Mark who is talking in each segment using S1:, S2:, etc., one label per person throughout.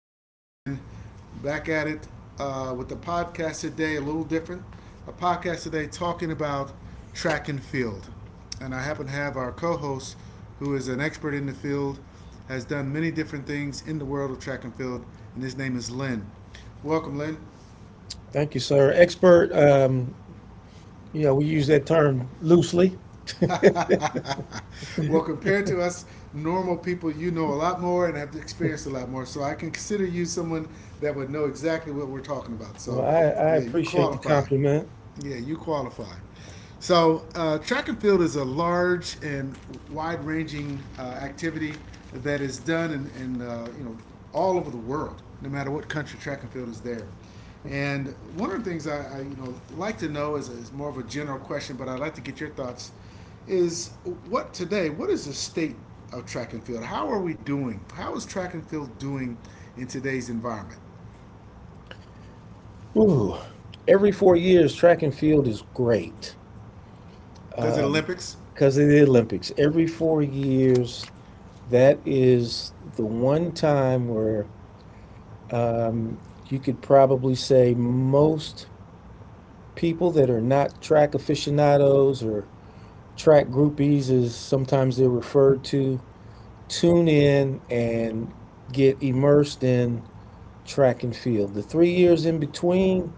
S1: Tyson again. Back at it with the podcast today, a little different. A podcast today talking about track and field. And I happen to have our co host, who is an expert in the field, has done many different things in the world of track and field, and his name is Lynn. Welcome, Lynn.
S2: Thank you, sir. Expert, we use that term loosely.
S1: Well, compared to us normal people, you know a lot more and have experienced a lot more. So I can consider you someone that would know exactly what we're talking about. So,
S2: Well, I
S1: yeah, you
S2: appreciate the
S1: qualify.
S2: compliment.
S1: Yeah, you qualify. So, track and field is a large and wide ranging activity that is done in all over the world, no matter what country track and field is there. And one of the things I like to know is more of a general question, but I'd like to get your thoughts. Is what today? What is the state of track and field? How are we doing? How is track and field doing in today's environment?
S2: Ooh, every 4 years, track and field is great
S1: Because of the Olympics.
S2: because of the Olympics. Every 4 years, that is the one time where you could probably say most people that are not track aficionados or track groupies, as sometimes they're referred to, tune in and get immersed in track and field. The 3 years in between,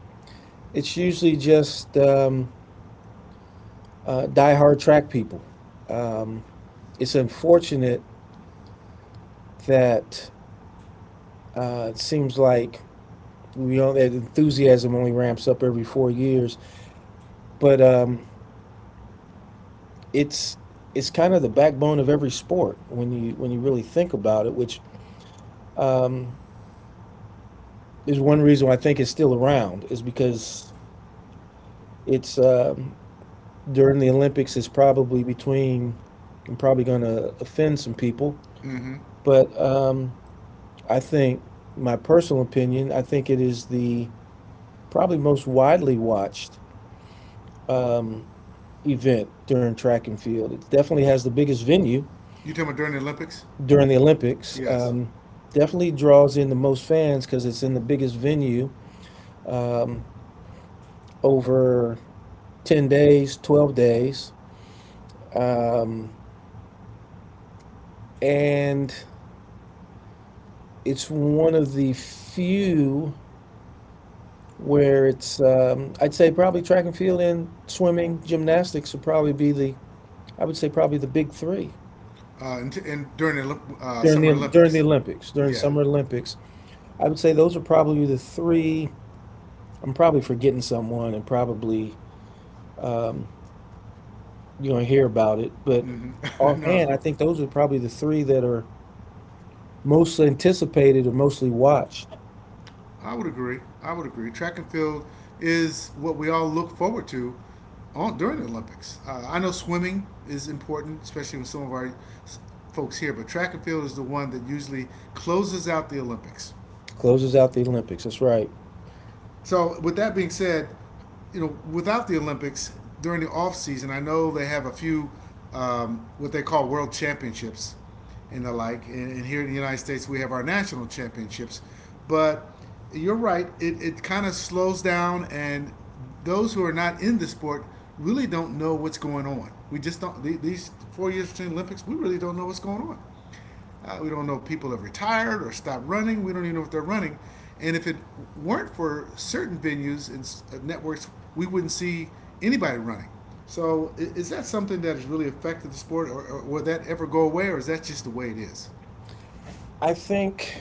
S2: it's usually just diehard track people. Um, it's unfortunate that it seems like we all that enthusiasm only ramps up every 4 years, but it's it's kind of the backbone of every sport when you really think about it. Which um, is one reason why I think it's still around is because it's during the Olympics. It's probably between. I'm probably going to offend some people.
S1: Mm-hmm.
S2: But I think, my personal opinion, I think it is the probably most widely watched um, event during track and field. It definitely has the biggest venue
S1: You talking about during the Olympics?
S2: during the Olympics.
S1: Yes.
S2: Definitely draws in the most fans because it's in the biggest venue um, over 10 days, 12 days. Um, and it's one of the few where it's I'd say probably track and field and swimming, gymnastics would probably be the I would say probably the big three
S1: And during the
S2: during
S1: Summer
S2: the during
S1: Olympics.
S2: the Olympics, during
S1: Yeah.
S2: Summer Olympics. I would say those are probably the three. I'm probably forgetting someone and probably you're gonna hear about it, but
S1: Mm-hmm. no.
S2: offhand, I think those are probably the three that are most anticipated or mostly watched.
S1: I would agree. I would agree. Track and field is what we all look forward to during the Olympics. I know swimming is important, especially with some of our folks here, but track and field is the one that usually closes out the Olympics.
S2: Closes out the Olympics. That's right.
S1: So, with that being said, without the Olympics during the off season, I know they have a few what they call world championships and the like, and here in the United States we have our national championships. But you're right; it kind of slows down, and those who are not in the sport really don't know what's going on. We just don't. These 4 years between Olympics, we really don't know what's going on. We don't know if people have retired or stopped running. We don't even know if they're running. And if it weren't for certain venues and networks, we wouldn't see anybody running. So is that something that has really affected the sport, or will that ever go away, or is that just the way it is?
S2: I think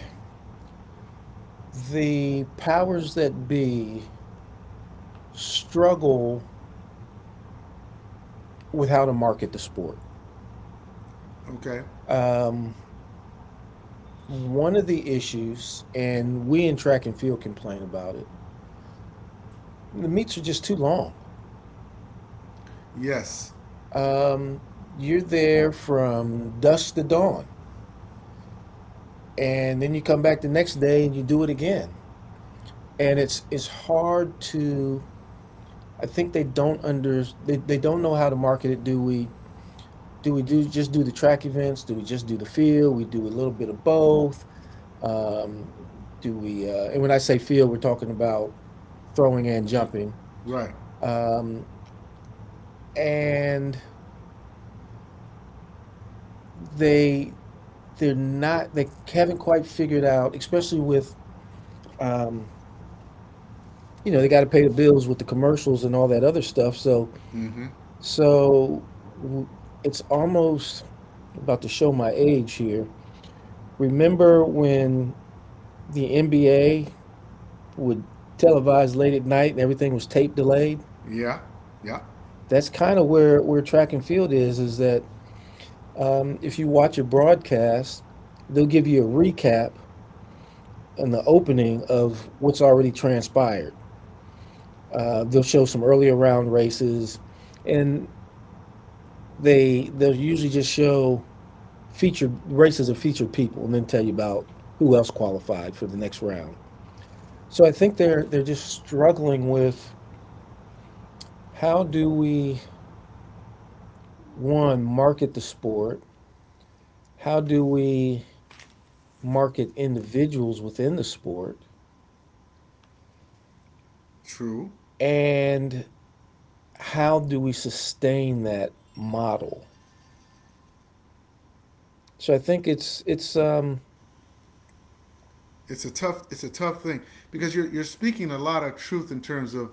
S2: the powers that be struggle with how to market the sport.
S1: Okay.
S2: Um, one of the issues, and we in track and field complain about it, the meets are just too long.
S1: Yes.
S2: Um, you're there from dusk to dawn, and then you come back the next day and you do it again. And it's hard to. I think they don't know how to market it. Do we do the track events? Do we just do the field? We do a little bit of both. Um, do we? And when I say field, we're talking about throwing and jumping.
S1: Right.
S2: And they they're not they haven't quite figured out, especially with um, they got to pay the bills with the commercials and all that other stuff. So
S1: Mm-hmm.
S2: so it's almost about to show my age here. Remember when the NBA would televise late at night and everything was tape delayed?
S1: Yeah. Yeah.
S2: That's kind of where track and field is, is that if you watch a broadcast, they'll give you a recap and the opening of what's already transpired. They'll show some earlier round races, and they'll usually just show featured races of featured people, and then tell you about who else qualified for the next round. So I think they're just struggling with how do we one market the sport, how do we market individuals within the sport,
S1: True.
S2: and how do we sustain that model? So I think it's
S1: It's a tough thing because you're speaking a lot of truth in terms of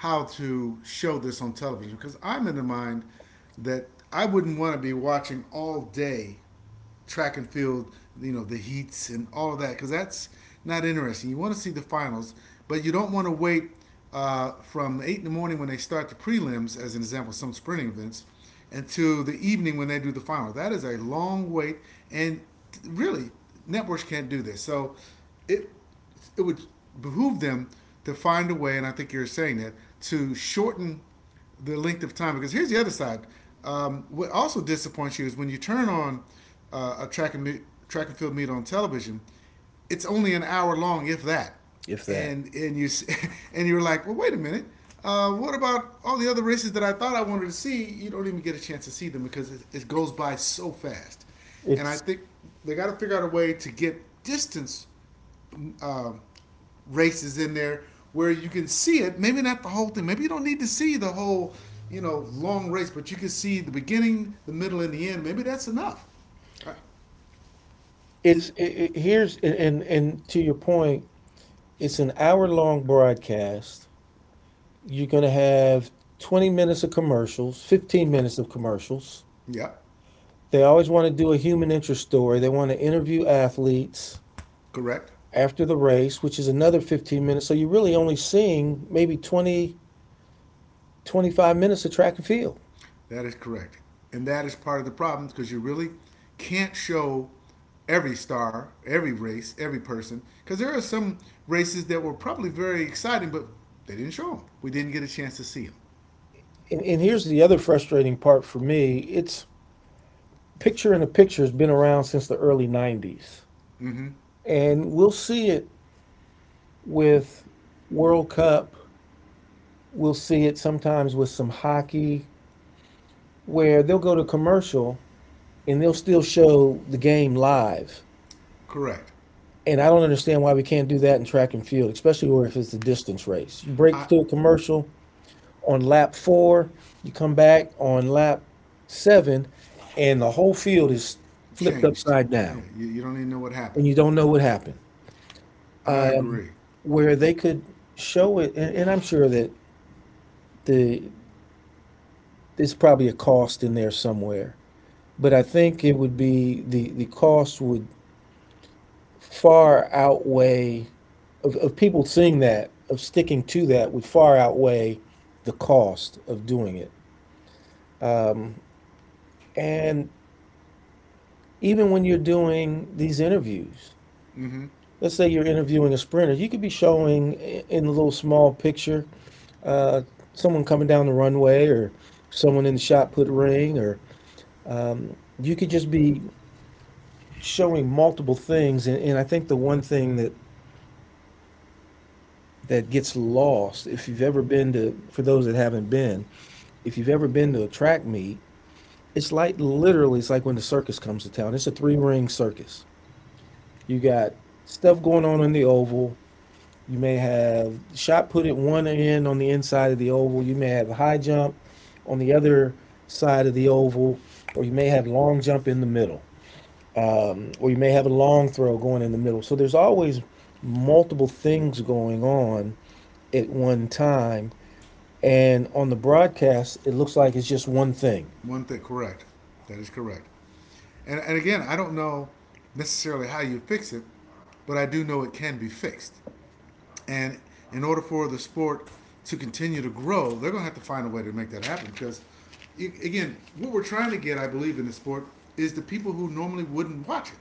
S1: how to show this on television because I'm in the mind that I wouldn't want to be watching all day track and field, the heats and all of that, because that's not interesting. You want to see the finals, but you don't want to wait from 8 in the morning when they start the prelims, as an example, some sprinting events, until the evening when they do the final. That is a long wait, and really, networks can't do this. So it it would behoove them to find a way, and I think you're saying that, to shorten the length of time because here's the other side. What also disappoints you is when you turn on a track and meet, track and field meet on television, it's only an hour long, if that.
S2: if that,
S1: And you and you're like, well, wait a minute. What about all the other races that I thought I wanted to see? You don't even get a chance to see them because it goes by so fast. And I
S2: it's
S1: think they got to figure out a way to get distance um, races in there where you can see it. Maybe not the whole thing. Maybe you don't need to see the whole, long race, but you can see the beginning, the middle, and the end. Maybe that's enough. Uh, is,
S2: it's it, it, here's and to your point, it's an hour long broadcast. You're going to have 20 minutes of commercials, 15 minutes of commercials.
S1: yep,
S2: They always want to do a human interest story. They want to interview athletes
S1: correct.
S2: after the race, which is another 15 minutes. So you're really only seeing maybe 25 minutes of track and field.
S1: That is correct, and that is part of the problem because you really can't show every star, every race, every person, because there are some races that were probably very exciting, but they didn't show them. We didn't get a chance to see them.
S2: And here's the other frustrating part for me. It's picture in a picture has been around since the early 90s. And we'll see it with World Cup. We'll see it sometimes with some hockey where they'll go to commercial and they'll still show the game live.
S1: Correct.
S2: And I don't understand why we can't do that in track and field, especially where if it's a distance race. You break
S1: I,
S2: to a commercial on lap four, you come back on lap seven, and the whole field is flipped
S1: Changed.
S2: upside
S1: Yeah,
S2: down,
S1: you don't even know what
S2: and
S1: happened.
S2: you don't know what happened.
S1: I agree.
S2: Where they could show it, and I'm sure that the there's probably a cost in there somewhere, but I think it would be the cost would far outweigh of people seeing that, of sticking to that would far outweigh the cost of doing it. And even when you're doing these interviews, let's say you're interviewing a sprinter, you could be showing in a little small picture uh, someone coming down the runway or someone in the shot put ring, or you could just be showing multiple things. And I think the one thing that gets lost. If you've ever been to, for those that haven't been, if you've ever been to a track meet, it's like literally, it's like when the circus comes to town. It's a three ring circus. You got stuff going on in the oval. You may have shot put at one end on the inside of the oval. You may have a high jump on the other side of the oval, or you may have long jump in the middle, or you may have a long throw going in the middle. So there's always multiple things going on at one time. And on the broadcast, it looks like it's just one thing.
S1: One thing, correct. That is correct. And again, I don't know necessarily how you fix it, but I do know it can be fixed. And in order for the sport to continue to grow, they're going to have to find a way to make that happen because, again, what we're trying to get, I believe, in the sport is the people who normally wouldn't watch it.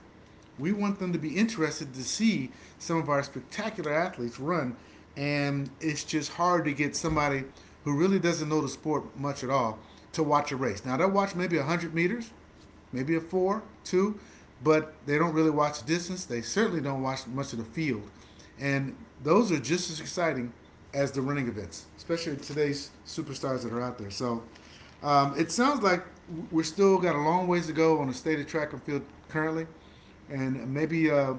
S1: We want them to be interested to see some of our spectacular athletes run, and it's just hard to get somebody who really doesn't know the sport much at all to watch a race. Now, they'll watch maybe 100 meters maybe a four, two, but they don't really watch the distance. They certainly don't watch much of the field. And those are just as exciting as the running events, especially today's superstars that are out there. So it sounds like we're still got a long ways to go on the state of track and field currently. And maybe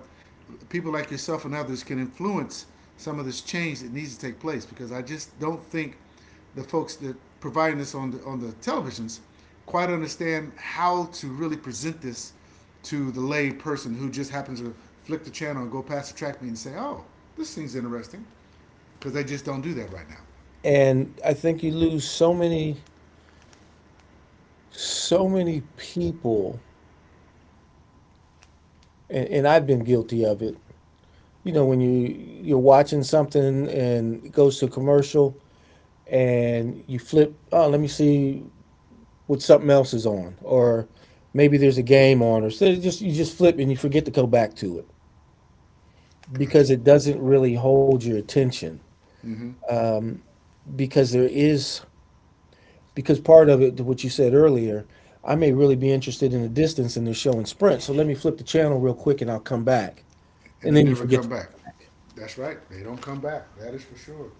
S1: people like yourself and others can influence some of this change that needs to take place because I just don't think the folks that providing this on the televisions quite understand how to really present this to the lay person who just happens to flick the channel and go past the track meet and say, "Oh, this seems interesting," because they just don't do that right now.
S2: And I think you lose so many, so many people, and I've been guilty of it. You know, when you're watching something and it goes to a commercial and you flip, oh, let me see what something else is on, or maybe there's a game on, or so just you just flip and you forget to go back to it
S1: Gotcha.
S2: because it doesn't really hold your attention,
S1: Mm-hmm.
S2: because there is because part of it, what you said earlier, I may really be interested in the distance and they're showing sprint. So let me flip the channel real quick and I'll come back.
S1: And
S2: And
S1: they
S2: then you
S1: never
S2: forget to
S1: come back.
S2: come back.
S1: That's right. They don't come back. That is for sure.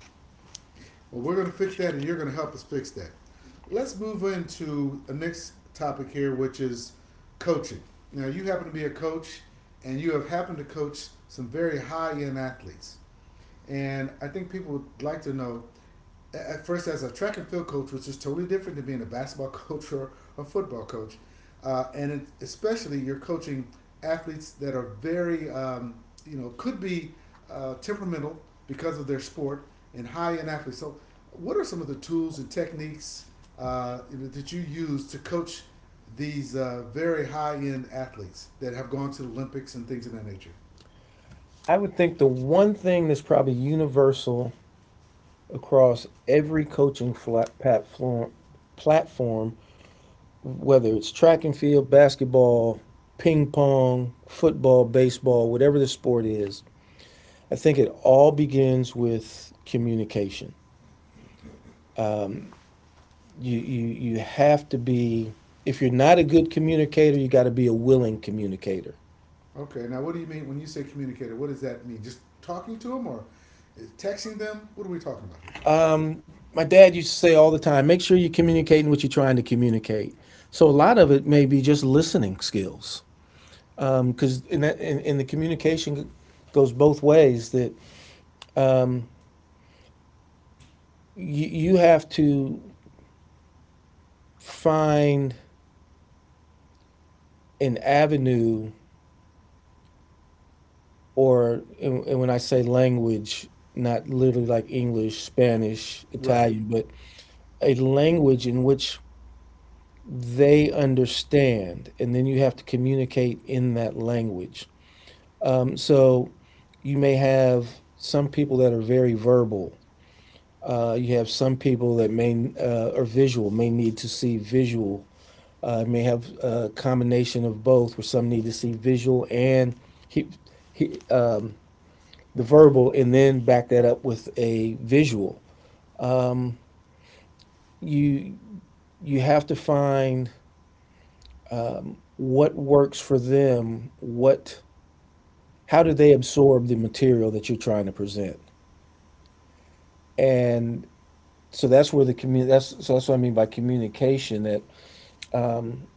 S1: Well, we're going to fix that, and you're going to help us fix that. Let's move into the next topic here, which is coaching. Now, you happen to be a coach, and you have happened to coach some very high end athletes. And I think people would like to know at first, as a track and field coach, which is totally different than being a basketball coach or a football coach, especially you're coaching athletes that are very, could be temperamental because of their sport and high end athletes. So, what are some of the tools and techniques uh, that you use to coach these very high end athletes that have gone to the Olympics and things of that nature?
S2: I would think the one thing that's probably universal across every coaching platform, whether it's track and field, basketball, ping pong, football, baseball, whatever the sport is, I think it all begins with communication. You you you have to be. If you're not a good communicator, you got to be a willing communicator.
S1: Okay, now what do you mean when you say communicator? What does that mean? Just talking to them or texting them? What are we talking about here?
S2: My dad used to say all the time, make sure you're communicating what you're trying to communicate. So a lot of it may be just listening skills because in the communication goes both ways. That um, you have to find an avenue or and when I say language, not literally like English, Spanish,
S1: Right.
S2: Italian, but a language in which they understand. And then you have to communicate in that language. So you may have some people that are very verbal. You have some people that may are visual, may need to see visual. May have a combination of both, where some need to see visual and he, he, um, the verbal, and then back that up with a visual. You you have to find what works for them, what how do they absorb the material that you're trying to present? And so that's what I mean by communication. That, um,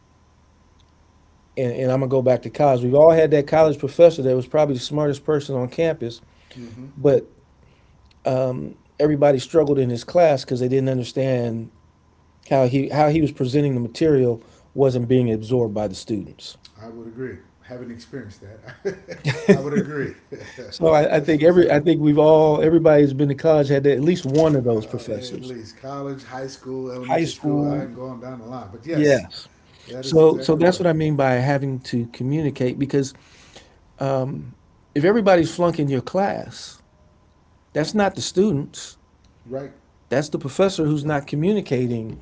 S2: and I'm gonna go back to college. We've all had that college professor that was probably the smartest person on campus,
S1: Mm-hmm.
S2: but, everybody struggled in his class because they didn't understand how he was presenting the material wasn't being absorbed by the students.
S1: I would agree. Haven't experienced that. I would agree.
S2: So I
S1: That's
S2: think
S1: for
S2: every,
S1: sure.
S2: I think we've all, everybody who's been to college had that, at least one of those
S1: uh, at
S2: professors.
S1: least college, high school,
S2: High
S1: elementary school. I
S2: school,
S1: am going down the line, but yes,
S2: yes.
S1: that is
S2: So
S1: exactly
S2: that's what
S1: right.
S2: I mean by having to communicate because um, if everybody's flunking your class, that's not the students.
S1: Right,
S2: That's the professor who's
S1: that
S2: not communicating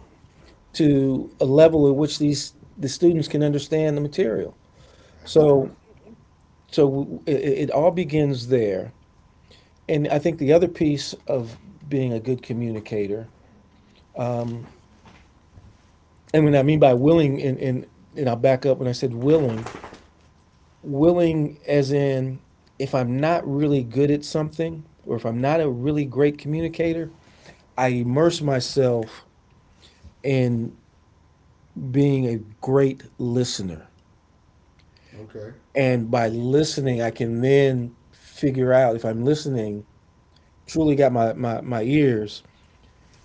S2: to a level at which the students can understand the material.
S1: that is correct.
S2: So, so it all begins there. And I think the other piece of being a good communicator, um, and when I mean by willing, and I'll back up when I said willing, willing as in if I'm not really good at something or if I'm not a really great communicator, I immerse myself in being a great listener.
S1: Okay,
S2: And by listening, I can then figure out if I'm listening, truly got my ears,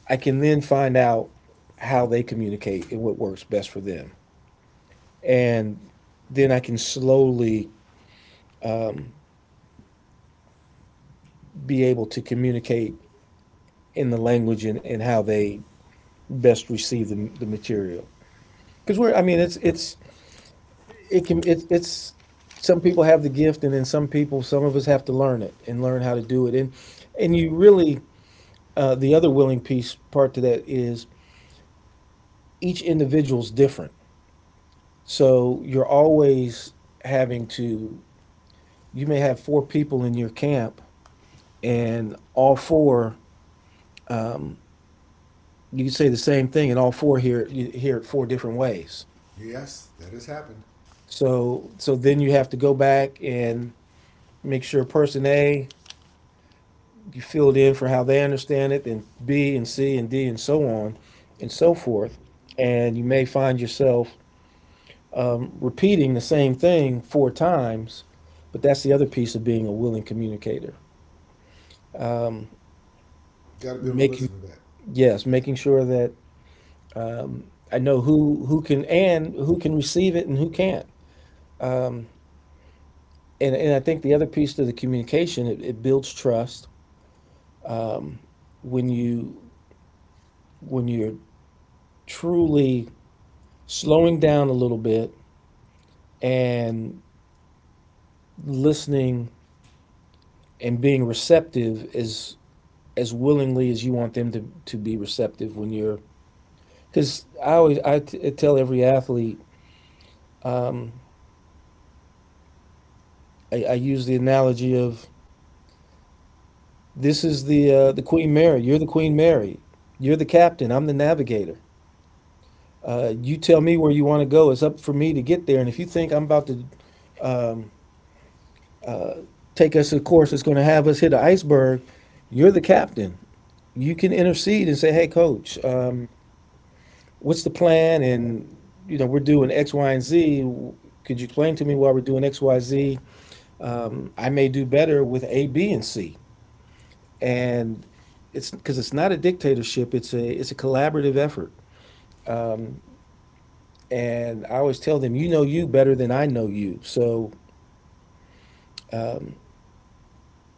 S2: I can then find out how they communicate and what works best for them. And then I can slowly be able to communicate in the language and, how they best receive the material because we're I mean it's it can it's Some people have the gift, and then some people, some of us have to learn it and learn how to do it. And you really, the other willing piece part to that is each individual's different, so you're always having to, you may have four people in your camp, and all four, you could say the same thing, and all four hear, hear it four different ways.
S1: yes, that has happened.
S2: So then you have to go back and make sure person A, you fill it in for how they understand it, then B and C and D and so on and so forth. And you may find yourself repeating the same thing four times, but that's the other piece of being a willing communicator.
S1: Got to be able to
S2: Making,
S1: listen to that.
S2: yes, making sure that I know who can and who can receive it and who can't. And I think the other piece to the communication, it builds trust when you, when you're truly slowing down a little bit and listening and being receptive as willingly as you want them to be receptive when you're, because I always, tell every athlete, I use the analogy of, this is the Queen Mary. You're the Queen Mary, you're the captain, I'm the navigator. You tell me where you want to go, it's up for me to get there. And if you think I'm about to take us a course that's going to have us hit an iceberg, you're the captain, you can intercede and say, "Hey coach, what's the plan? And You know, we're doing x, y, and z. Could you explain to me why we're doing x, y, z? I may do better with a, b, and c." And it's because it's not a dictatorship, it's a collaborative effort. And I always tell them, you know you better than I know you, so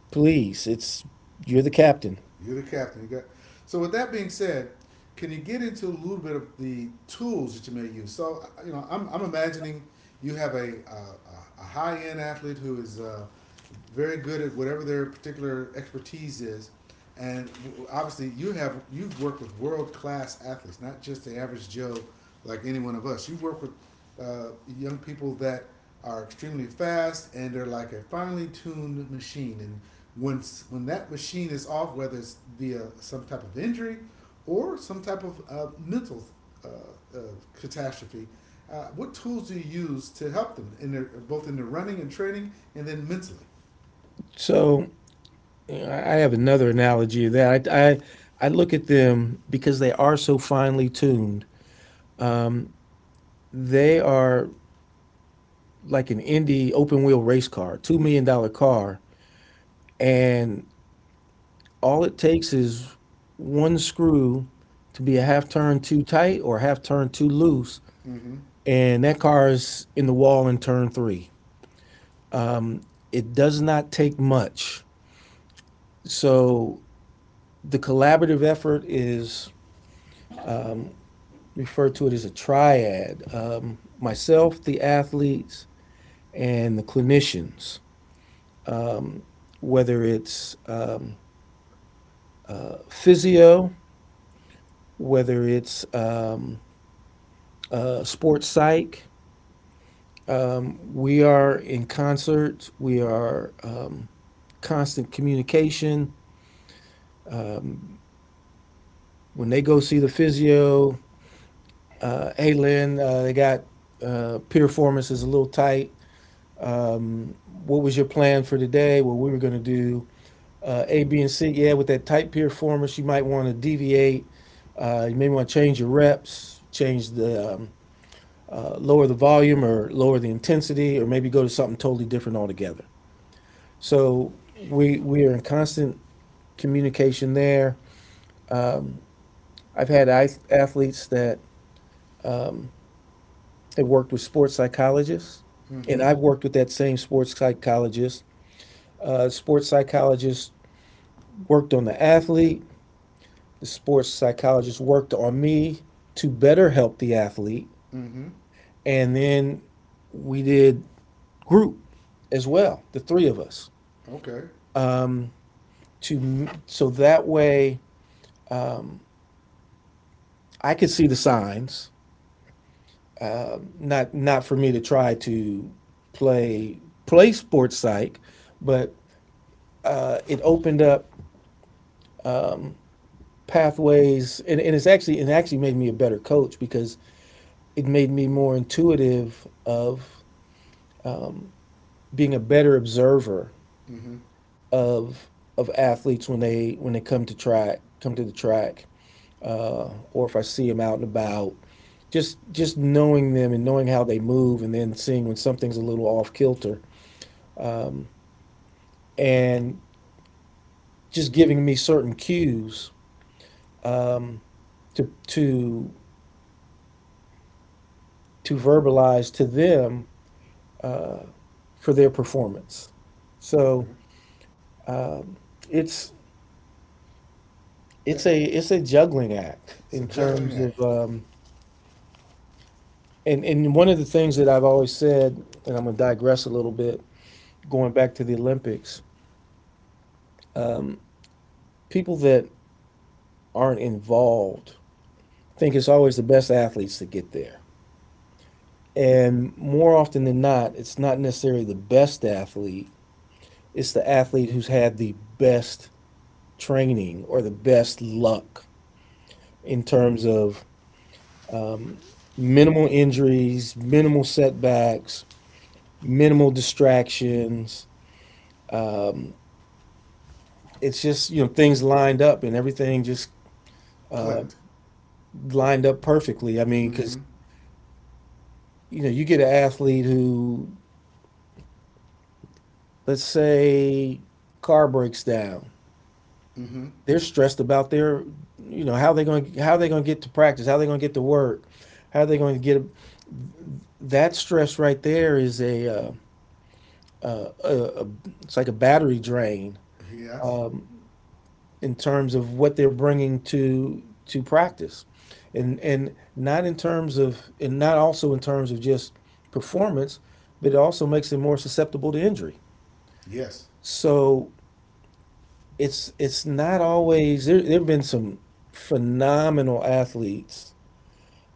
S2: please, it's, you're the captain.
S1: You're the captain. You got. So with that being said, can you get into a little bit of the tools that you may use? So I'm imagining you have a high end athlete who is very good at whatever their particular expertise is, and obviously you've worked with world class athletes, not just the average Joe like any one of us. You've worked with young people that are extremely fast and they're like a finely tuned machine. And once when that machine is off, whether it's via some type of injury or some type of mental uh, uh, catastrophe, what tools do you use to help them in their both in their running and training and then mentally?
S2: So you know, I have another analogy of that. I look at them because they are so finely tuned. They are like an Indy open wheel race car, $2 million dollar car. And all it takes is one screw to be a half turn too tight or a half turn too loose.
S1: Mm-hmm.
S2: And that car is in the wall in turn three. It does not take much. So the collaborative effort is, referred to it as a triad, myself, the athletes, and the clinicians, whether it's, physio, whether it's, sports psych. We are in concert. We are, constant communication. When they go see the physio, "Hey Lynn, they got, performance is a little tight. What was your plan for today? What we were going to do? A, B, and C. Yeah, with that tight performance, you might want to deviate. You may want to change your reps, change the, lower the volume or lower the intensity, or maybe go to something totally different altogether." So we are in constant communication there. I've had athletes that have worked with sports psychologists, and
S1: Mm-hmm.
S2: I've worked with that same sports psychologist. Sports psychologist worked on the athlete. The sports psychologist worked on me to better help the athlete,
S1: Mm-hmm.
S2: and then we did group as well, the three of us,
S1: Okay.
S2: to, so that way I could see the signs, not for me to try to play play sports psych, but it opened up pathways, and, it's actually, it actually made me a better coach because it made me more intuitive of being a better observer
S1: Mm-hmm.
S2: of of athletes when they, come to track, come to the track, or if I see them out and about, just, knowing them and knowing how they move, and then seeing when something's a little off kilter. And just giving me certain cues to, to verbalize to them for their performance. So
S1: Okay.
S2: it's,
S1: That
S2: it's a juggling act
S1: so
S2: in
S1: juggling
S2: terms of,
S1: act
S2: and one of the things that I've always said, and I'm going to digress a little bit, going back to the Olympics. Um, People that aren't involved think it's always the best athletes that get there, and more often than not, it's not necessarily the best athlete. It's the athlete who's had the best training or the best luck in terms of, um, minimal injuries, minimal setbacks, minimal distractions. Um, it's just, you know, things lined up and everything just, uh,
S1: clicked.
S2: lined up perfectly. I mean, because
S1: Mm-hmm.
S2: you know, you get an athlete who, let's say, car breaks down,
S1: Mm-hmm.
S2: they're stressed about their, you know, how they're going to get to practice, how they're going to get to work, how they're going to get a, that stress right there is a, uh, a, a- it's like a battery drain,
S1: Yes.
S2: um, in terms of what they're bringing to practice, and not in terms of, and not also in terms of just performance, but it also makes them more susceptible to injury.
S1: Yes,
S2: So it's not always there. There've been some phenomenal athletes,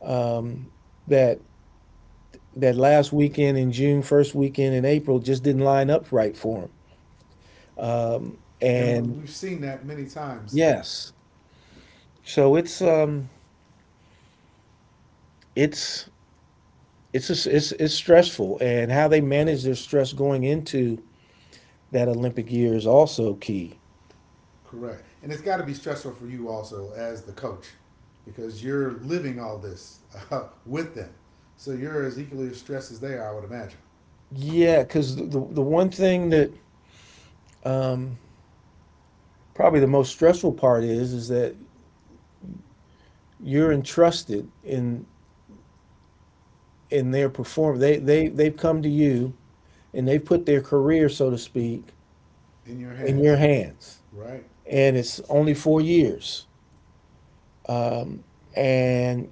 S2: um, that, last weekend in June, first weekend in April, just didn't line up right for them.
S1: and
S2: And
S1: we've seen that many times.
S2: yes, so it's, it's it's just, it's stressful, and how they manage their stress going into that Olympic year is also key.
S1: Correct, and it's got to be stressful for you also as the coach, because you're living all this with them, so you're as equally as stressed as they are, I would imagine,
S2: Yeah, because the one thing that, um, probably the most stressful part is that you're entrusted in, their performance. They, they've come to you and they've put their career, so to speak,
S1: in your
S2: in
S1: hands,
S2: your hands,
S1: right?
S2: and it's only 4 years. Um, and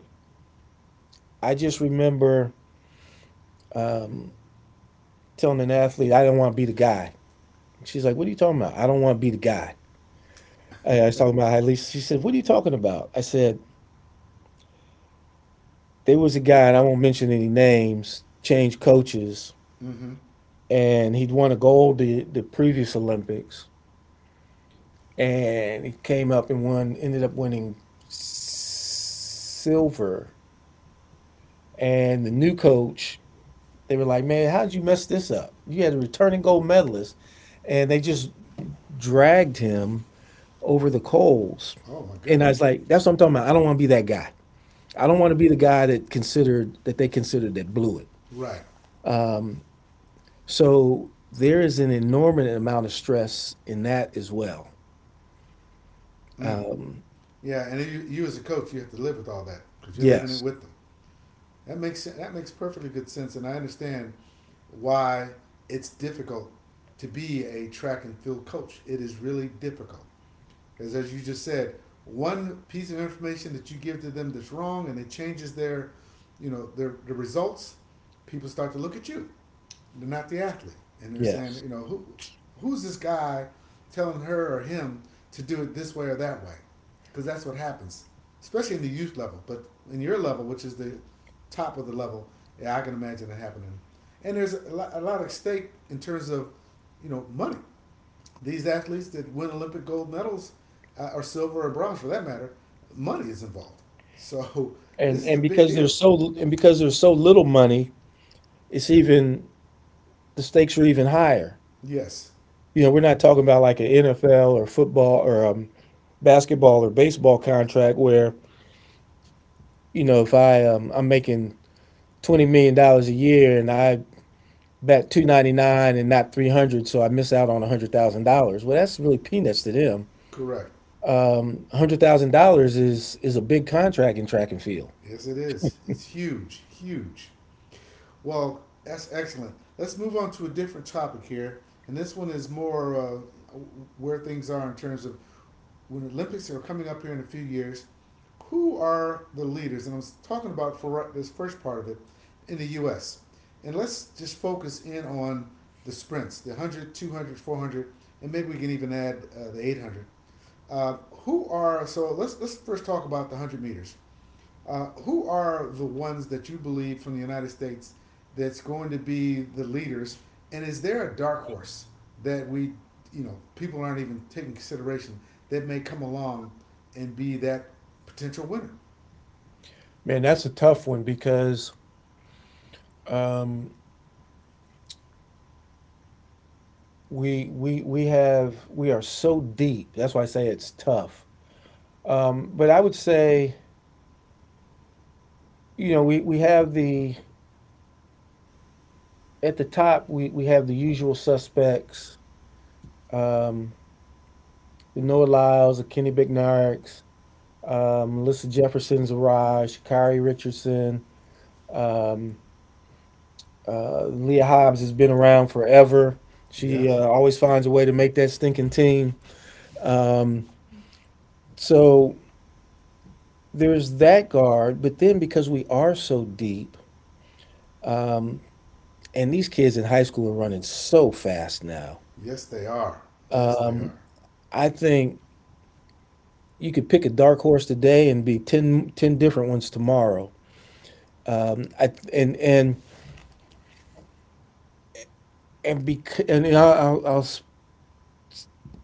S2: I just remember, um, telling an athlete, I didn't want to be the guy. She's like, "What are you talking about? I don't want to be the guy." I was talking about at least. She said, "What are you talking about?" I said, "There was a guy, and I won't mention any names. Changed coaches,
S1: Mm-hmm.
S2: and he'd won a gold, the previous Olympics, and he came up and won, ended up winning silver. And the new coach, they were like, 'Man, how'd you mess this up? You had a returning gold medalist,' and they just dragged him over the coals."
S1: Oh my
S2: And I was
S1: goodness.
S2: like, "That's what I'm talking about. I don't want to be that guy. I don't want to be the guy that considered, that they considered that blew it."
S1: Right.
S2: So there is an enormous amount of stress in that as well.
S1: Mm.
S2: Um,
S1: Yeah, and you as a coach, you have to live with all that because you're living it
S2: yes,
S1: with them. That makes perfectly good sense, and I understand why it's difficult to be a track and field coach. It is really difficult. Because as you just said, one piece of information that you give to them that's wrong and it changes their, you know, their results, people start to look at you. They're not the athlete. And they're saying,
S2: yes,
S1: who's this guy telling her or him to do it this way or that way? Because that's what happens, especially in the youth level. But in your level, which is the top of the level, yeah, I can imagine it happening. And there's a lot at stake in terms of, you know, money these athletes that win Olympic gold medals or silver or bronze for that matter, money is involved. So this
S2: and
S1: is a big
S2: because
S1: deal.
S2: there's so, and because there's so little money, it's even, the stakes are even higher.
S1: Yes,
S2: You know, we're not talking about like an NFL or football or, basketball or baseball contract where, you know, if I, I'm making $20 million a year and I Bet 299 and not 300, so I miss out on $100,000, well that's really peanuts to them.
S1: correct.
S2: $100,000 is a big contract in track and field.
S1: Yes, it is. It's huge, huge. Well, that's excellent. Let's move on to a different topic here, and this one is more where things are in terms of when Olympics are coming up here in a few years. Who are the leaders? And I'm talking about for right, this first part of it in the U.S. And let's just focus in on the sprints, the 100, 200, 400, and maybe we can even add the 800. Who are so? Let's first talk about the 100 meters. Who are the ones that you believe from the United States that's going to be the leaders? And is there a dark horse that we, you know, people aren't even taking consideration that may come along and be that potential winner?
S2: Man, that's a tough one because, um, we have, we are so deep, that's why I say it's tough. But I would say, you know, we have the, at the top we have the usual suspects, um, the Noah Lyles, the Kenny Bignarks, Melissa Jeffersons, Zaraj, Kyrie Richardson. Um, Leah Hobbs has been around forever. She,
S1: Yes.
S2: always finds a way to make that stinking team. So there's that guard. But then because we are so deep, and these kids in high school are running so fast now,
S1: Yes, they are. Yes, they are.
S2: I think you could pick a dark horse today and be 10 different ones tomorrow. I, and bec- and I'll,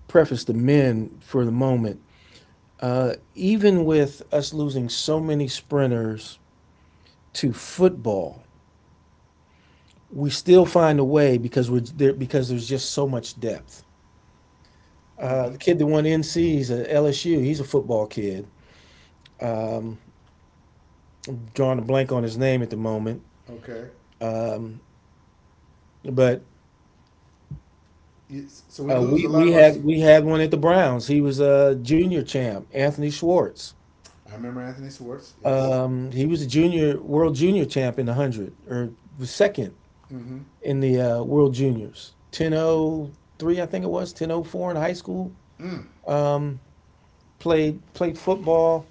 S2: Preface the men for the moment. Even with us losing so many sprinters to football, we still find a way because we're there because there's just so much depth.
S1: Mm-hmm.
S2: The kid that won NC, he's at LSU. He's a football kid. Drawing a blank on his name at the moment,
S1: Okay.
S2: but
S1: It's, so we lose a
S2: we
S1: lot
S2: we
S1: of our. Sh-
S2: had we had one at the Browns. He was a junior champ, Anthony Schwartz.
S1: I remember Anthony Schwartz. Yes.
S2: He was a junior, world junior champ in the hundred, or was second
S1: Mm-hmm.
S2: in the, world juniors. 1003, I think it was 1004 in high school.
S1: Mm.
S2: Um, played football,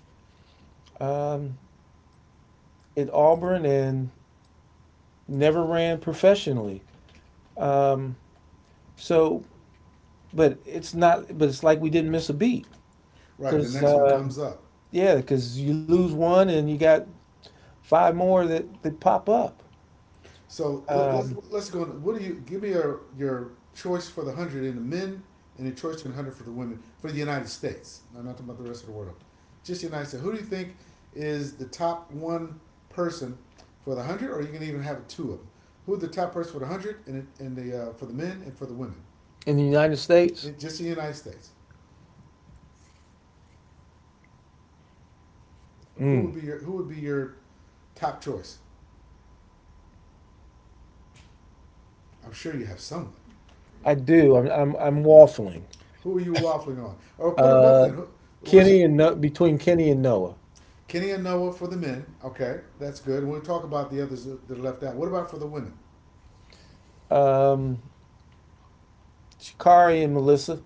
S2: um, at Auburn, and never ran professionally. Um, so, but it's not, but it's like we didn't miss a beat
S1: Right. The
S2: because,
S1: next one comes up.
S2: yeah, because you lose one and you got five more that, that pop up.
S1: So let, let's
S2: Um,
S1: let's go. What do you give me your choice for the hundred in the men and your choice in the hundred for the women for the United States? No, I'm not talking about the rest of the world. Just the United States. Who do you think is the top one person for the hundred, or are you gonna even have two of them? Who are the top person for the hundred and and the for the men and for the women?
S2: in the United States,
S1: In just in the United States, who
S2: mm,
S1: would be your top choice? I'm sure you have someone. Mm-hmm.
S2: I do. I'm waffling.
S1: Who are you waffling on? Or put them both
S2: Uh,
S1: in. Who, which
S2: Kenny and no-, between Kenny and Noah.
S1: Kenny and Noah for the men. Okay, that's good. We'll talk about the others that are left out. What about for the women?
S2: Um, Shikari and Melissa.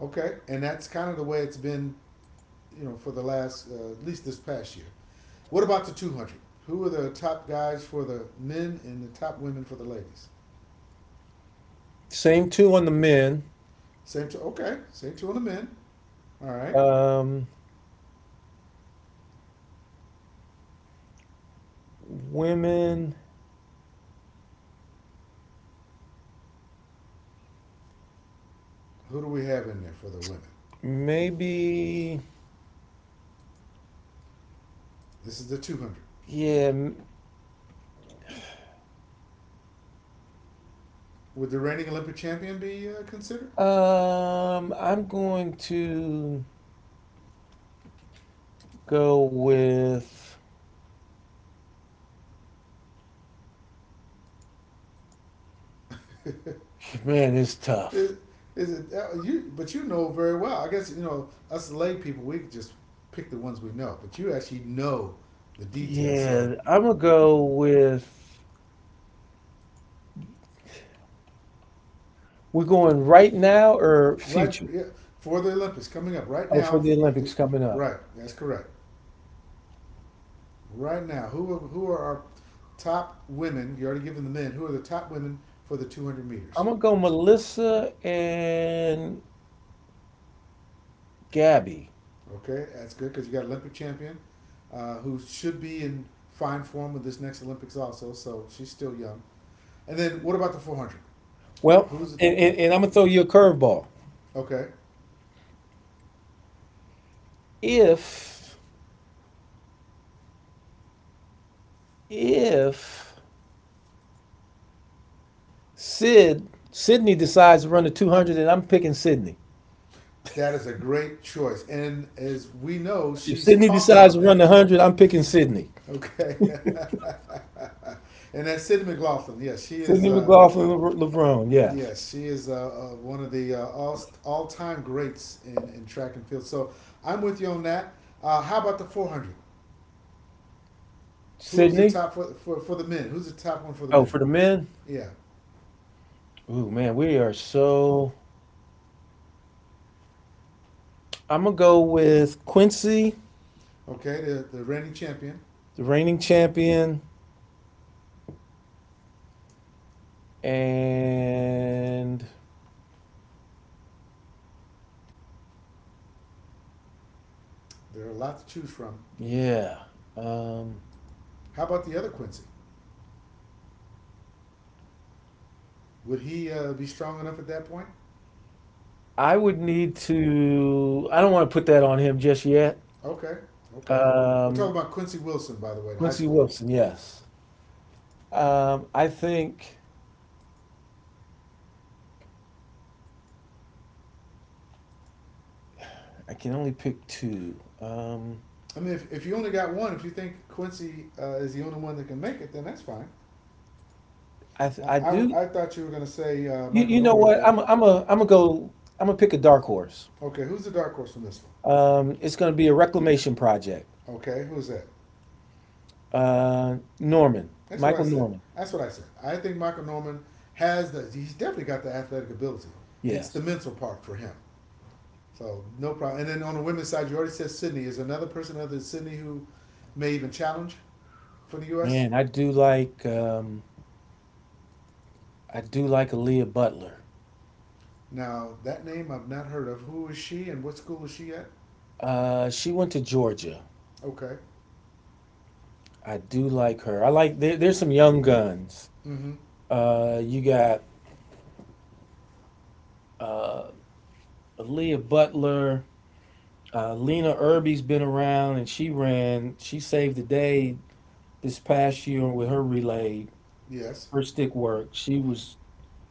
S1: Okay, and that's kind of the way it's been, you know, for the last at least this past year. What about the 200? Who are the top guys for the men and the top women for the ladies?
S2: Same two on the men.
S1: Same two. Okay, same two on the men. All right.
S2: Um, women,
S1: Who do we have in there for the women?
S2: maybe,
S1: This is the 200.
S2: yeah.
S1: Would the reigning Olympic champion be considered?
S2: I'm going to go with, man, it's tough.
S1: Is, is it you? But you know very well. I guess you know us lay people. We could just pick the ones we know, but you actually know the details.
S2: Yeah,
S1: So
S2: I'm gonna go with, we're going right now or
S1: right,
S2: future?
S1: yeah, for the Olympics coming up right
S2: Oh,
S1: now.
S2: for the Olympics coming up.
S1: Right, that's correct. Right now, who are our top women? You already given the men. Who are the top women for the 200 meters?
S2: I'm gonna go Melissa and Gabby.
S1: Okay, that's good because you got Olympic champion, who should be in fine form with this next Olympics also. So she's still young. And then what about the 400?
S2: Well,
S1: Who's it?
S2: and I'm gonna throw you a curveball.
S1: Okay.
S2: If, if Sid Sydney decides to run the 200, then I'm picking Sydney.
S1: That is a great choice. And as we know,
S2: If
S1: she's
S2: Sydney
S1: talked
S2: decides
S1: about
S2: to run
S1: that.
S2: the 100, I'm picking Sydney.
S1: Okay. And that's Sidney McLaughlin. Yeah, she is.
S2: Sydney McLaughlin, LeBron, yes.
S1: Yes, she is one of the all time greats in track and field. So I'm with you on that. How about the 400? Who's the
S2: Sydney.
S1: top for the men? Who's the top one for the
S2: Oh,
S1: men?
S2: for the men.
S1: Yeah.
S2: Ooh, man, we are so. I'm gonna go with Quincy,
S1: Okay, the reigning champion.
S2: the reigning champion, and
S1: There are a lot to choose from.
S2: yeah. Um,
S1: How about the other Quincy? Would he be strong enough at that point?
S2: I would need to. I don't want to put that on him just yet.
S1: Okay, okay. We're
S2: Um,
S1: talking about Quincy Wilson, by the way, the high
S2: Quincy
S1: schooler.
S2: Wilson, yes. I think I can only pick two.
S1: I mean, if you only got one, if you think Quincy is the only one that can make it, then that's fine.
S2: I do.
S1: I thought you were going to say
S2: You,
S1: Michael
S2: you know
S1: Norman,
S2: what?
S1: but
S2: I'm gonna go. I'm gonna pick a dark horse.
S1: okay, who's the dark horse from this one?
S2: It's going to be a reclamation project.
S1: Okay, who's that?
S2: Norman,
S1: That's what I
S2: Michael
S1: said.
S2: Norman.
S1: That's what I said. I think Michael Norman has the, he's definitely got the athletic ability. It's the
S2: Yes,
S1: mental part for him. So no problem. And then on the women's side, you already said Sydney. Is another person other than Sydney who may even challenge for the U.S.?
S2: man, I do like Aaliyah Butler.
S1: Now that name I've not heard of. Who is she and what school is she at?
S2: She went to Georgia.
S1: Okay.
S2: I do like her. I like there's some young guns.
S1: Mm-hmm.
S2: You got Aaliyah Butler. Lena Irby's been around, and she ran. She saved the day this past year with her relay,
S1: Yes.
S2: her stick work. She
S1: Mm.
S2: was.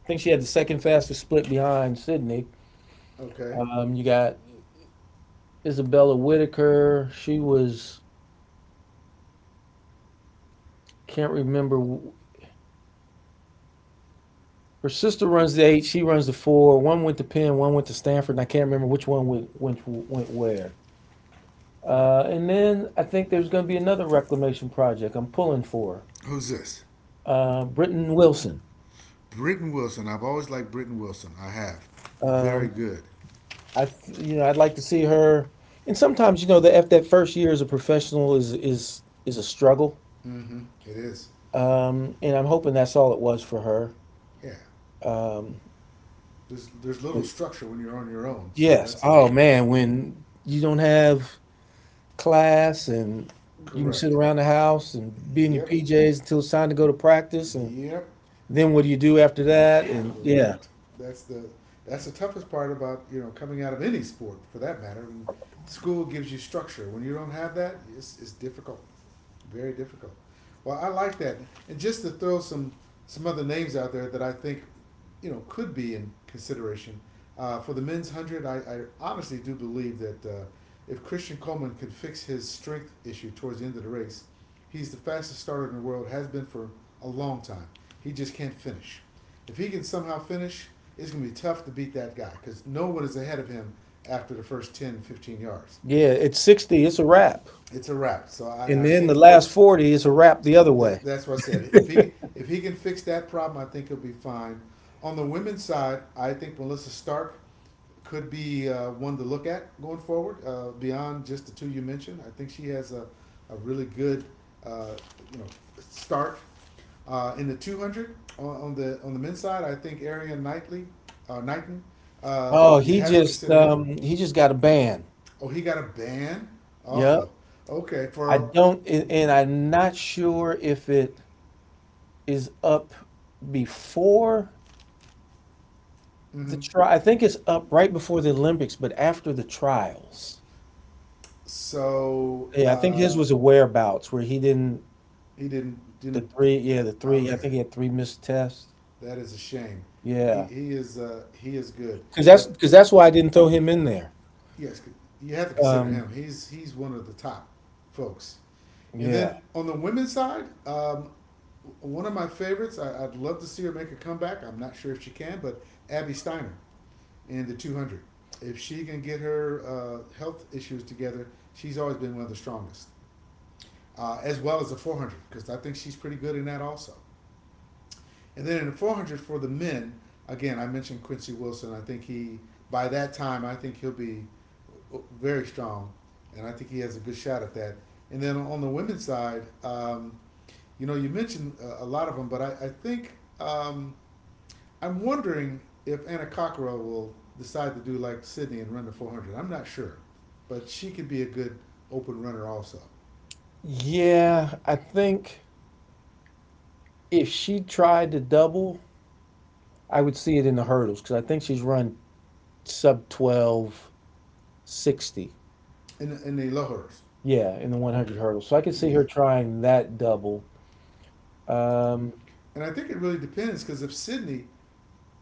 S2: I think she had the second fastest split behind Sydney.
S1: Okay.
S2: You got Isabella Whitaker. She was can't remember. Her sister runs the eight. She runs the four. One went to Penn. One went to Stanford. And I can't remember which one went where. And then I think there's going to be another reclamation project. I'm pulling for
S1: Who's this?
S2: Britton Wilson.
S1: Britton Wilson. I've always liked Britton Wilson. I have. Very
S2: Um,
S1: good.
S2: I You know, I'd like to see her. And sometimes you know that after that first year as a professional is a struggle.
S1: Mm-hmm. It is.
S2: And I'm hoping that's all it was for her.
S1: Yeah.
S2: Um,
S1: There's little structure when you're on your own, so
S2: Yes.
S1: that's the
S2: Oh man, when you don't have class and you can sit
S1: correct.
S2: around the house and be in your
S1: Yep.
S2: PJs until it's time to go to practice, and
S1: Yep.
S2: then what do you do after that? And
S1: Correct. That's the toughest part about, you know, coming out of any sport for that matter. And school gives you structure. When you don't have that, it's difficult. Very difficult. Well, I like that. And just to throw some other names out there that I think, you know, could be in consideration for the men's 100. I honestly do believe that if Christian Coleman can fix his strength issue towards the end of the race, he's the fastest starter in the world. Has been for a long time. He just can't finish. If he can somehow finish, it's going to be tough to beat that guy because no one is ahead of him after the first 10, 15 yards.
S2: yeah, it's 60, it's a wrap.
S1: It's a wrap. So
S2: And
S1: I
S2: then the
S1: think
S2: last 40 is a wrap the other way.
S1: that's what I said. If he can fix that problem, I think he'll be fine. On the women's side, I think Melissa Stark could be one to look at going forward. Beyond just the two you mentioned, I think she has a really good uh, you know start in the 200 on, on the men's side. I think Arian Knightley, Knighton,
S2: Oh,
S1: you have to consider him.
S2: he just got a ban.
S1: Oh, he got a ban.
S2: Yeah.
S1: Oh, okay.
S2: I
S1: For
S2: don't, and I'm not sure if it is up before the
S1: mhm.
S2: trial. I think it's up right before the Olympics, but after the trials.
S1: so
S2: Yeah, I think his
S1: uh,
S2: was a whereabouts where he didn't
S1: He didn't
S2: the
S1: didn't.
S2: three. Yeah, the three. I
S1: Okay,
S2: think he had three missed tests.
S1: that is a shame.
S2: Yeah,
S1: He is good,
S2: because that's,
S1: but
S2: why I didn't throw him in there.
S1: yes, you have to consider
S2: Um,
S1: him. He's one of the top folks. And
S2: yeah,
S1: then on the women's side, one of my favorites. I'd love to see her make a comeback. I'm not sure if she can, but Abby Steiner in the 200. If she can get her health issues together, she's always been one of the strongest, as well as the 400, because I think she's pretty good in that also. And then in the 400 for the men, again, I mentioned Quincy Wilson. I think he, by that time, I think he'll be very strong. And I think he has a good shot at that. And then on the women's side, you know, you mentioned a, lot of them, but I think I'm wondering if Anna Cockerell will decide to do like Sydney and run the 400. I'm not sure, but she could be a good open runner also.
S2: yeah. I think if she tried to double, I would see it in the hurdles because I think she's run sub 12.60.
S1: In the low hurdles.
S2: Yeah, in the one
S1: Okay.
S2: hundred hurdles. So I could see
S1: Yeah.
S2: her trying that double. Um,
S1: And I think it really depends because if Sydney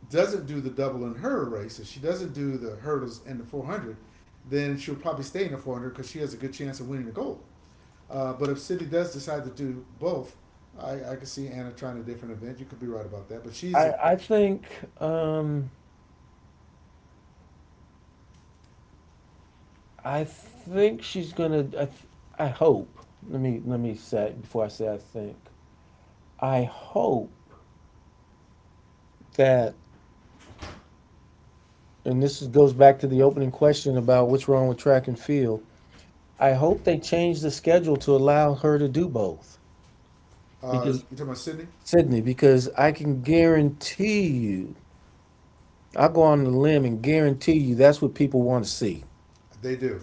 S1: doesn't do the double in her race, if she doesn't do the hurdles and the 400, then she'll probably stay in the 400 because she has a good chance of winning the gold. But if Cindy does decide to do both, I can see Anna trying a different event. You could be right about that. But she's,
S2: I I think. Um, I think she's gonna. I hope. Let me say before I say I think. I hope that, and this is, goes back to the opening question about what's wrong with track and field. I hope they change the schedule to allow her to do both
S1: you
S2: because
S1: talking about Sydney?
S2: Sydney, because I can guarantee you, I'll go on the limb and guarantee you that's what people want to see.
S1: They do.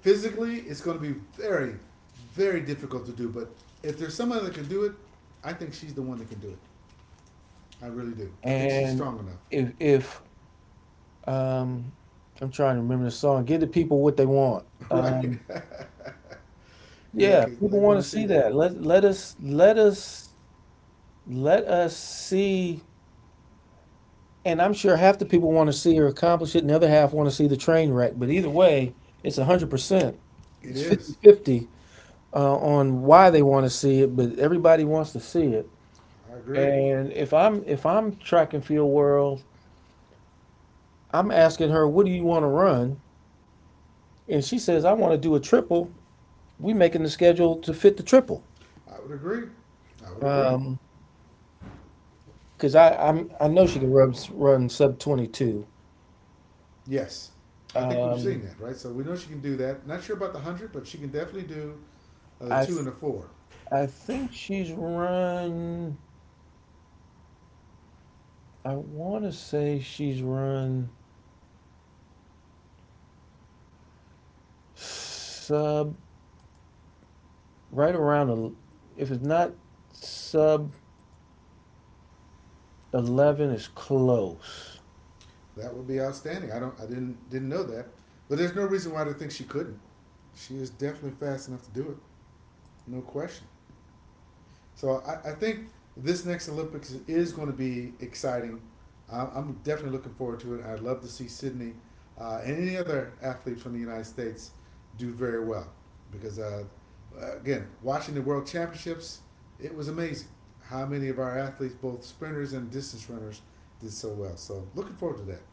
S1: Physically, it's going to be very, very difficult to do. But if there's someone that can do it, I think she's the one that can do it. I really do. I think she's
S2: And
S1: strong enough.
S2: if um, I'm trying to remember the song, give the people what they want.
S1: Right. Yeah,
S2: Yeah,
S1: because
S2: people
S1: they want
S2: want
S1: to
S2: to
S1: see
S2: see
S1: that.
S2: that. Let us let us see. And I'm sure half the people want to see her accomplish it, and the other half want to see the train wreck. But either way, it's 100%.
S1: It
S2: It's
S1: is.
S2: 50-50 on why they want to see it, but everybody wants to see it.
S1: I agree.
S2: And if I'm track and field world, I'm asking her, "What do you want to run?" And she says, "I want to do a triple." We making the schedule to fit the triple.
S1: I would agree. I would agree.
S2: Um, I know she can run sub 22.
S1: Yes. I think we've seen
S2: Um,
S1: that, right? So we know she can do that. Not sure about the 100, but she can definitely do the
S2: I
S1: 2
S2: th
S1: and the 4.
S2: I think she's run. I want to say she's run sub right around el- if it's not sub 11, it's close.
S1: That would be outstanding. I don't I didn't know that. But there's no reason why to think she couldn't. She is definitely fast enough to do it. No question. So I think this next Olympics is going to be exciting. I'm, definitely looking forward to it. I'd love to see Sydney and any other athlete from the United States do very well because, again, watching the World Championships, it was amazing how many of our athletes, both sprinters and distance runners, did so well. So looking forward to that.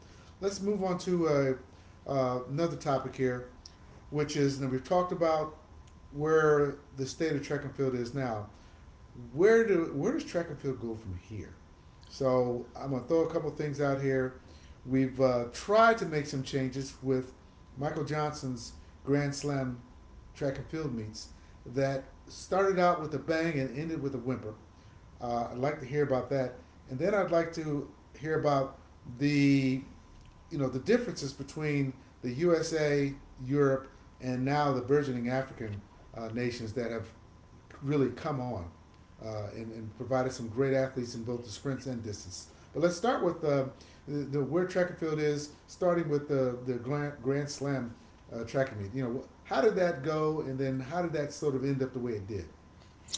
S1: Let's move on to another topic here, which is and we've talked about where the state of track and field is now. Where do where does track and field go from here? So I'm gonna throw a couple things out here. We've tried to make some changes with Michael Johnson's Grand Slam track and field meets that started out with a bang and ended with a whimper. I'd like to hear about that, and then I'd like to hear about the the differences between the USA, Europe, and now the burgeoning African nations that have really come on, and provided some great athletes in both the sprints and distance. But let's start with the where track and field is, starting with the Grand Slam track and meet. You know, how did that go, and then how did that sort of end up the way it did?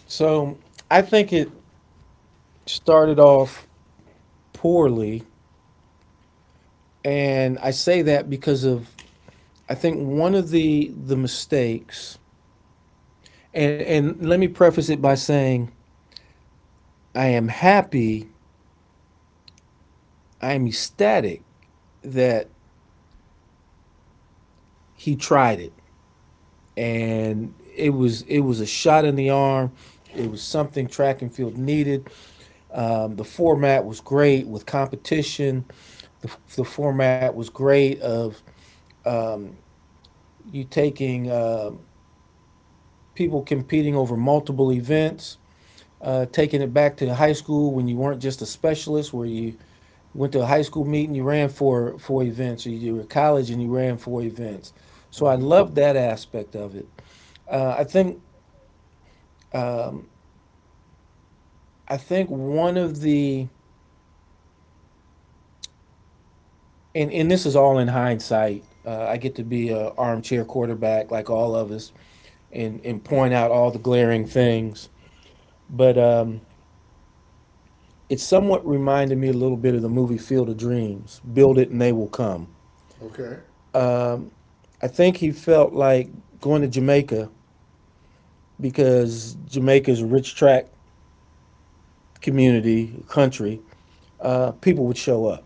S2: So I think it started off poorly, and I say that because of I think one of the mistakes, and let me preface it by saying I am happy, I am ecstatic that he tried it and it was a shot in the arm. It was something track and field needed. The format was great with competition. The format was great of you taking people competing over multiple events, taking it back to high school when you weren't just a specialist, where you went to a high school meeting, you ran for events, or you were at college and you ran for events. So I
S1: Hmm.
S2: loved that aspect of it. Uh, I think I think one of the and this is all in hindsight. I get to be an armchair quarterback like all of us, and point out all the glaring things. But it somewhat reminded me a little bit of the movie Field of Dreams: Build it and they will come.
S1: Okay,
S2: I think he felt like going to Jamaica because Jamaica's a rich tract community country. People would show up.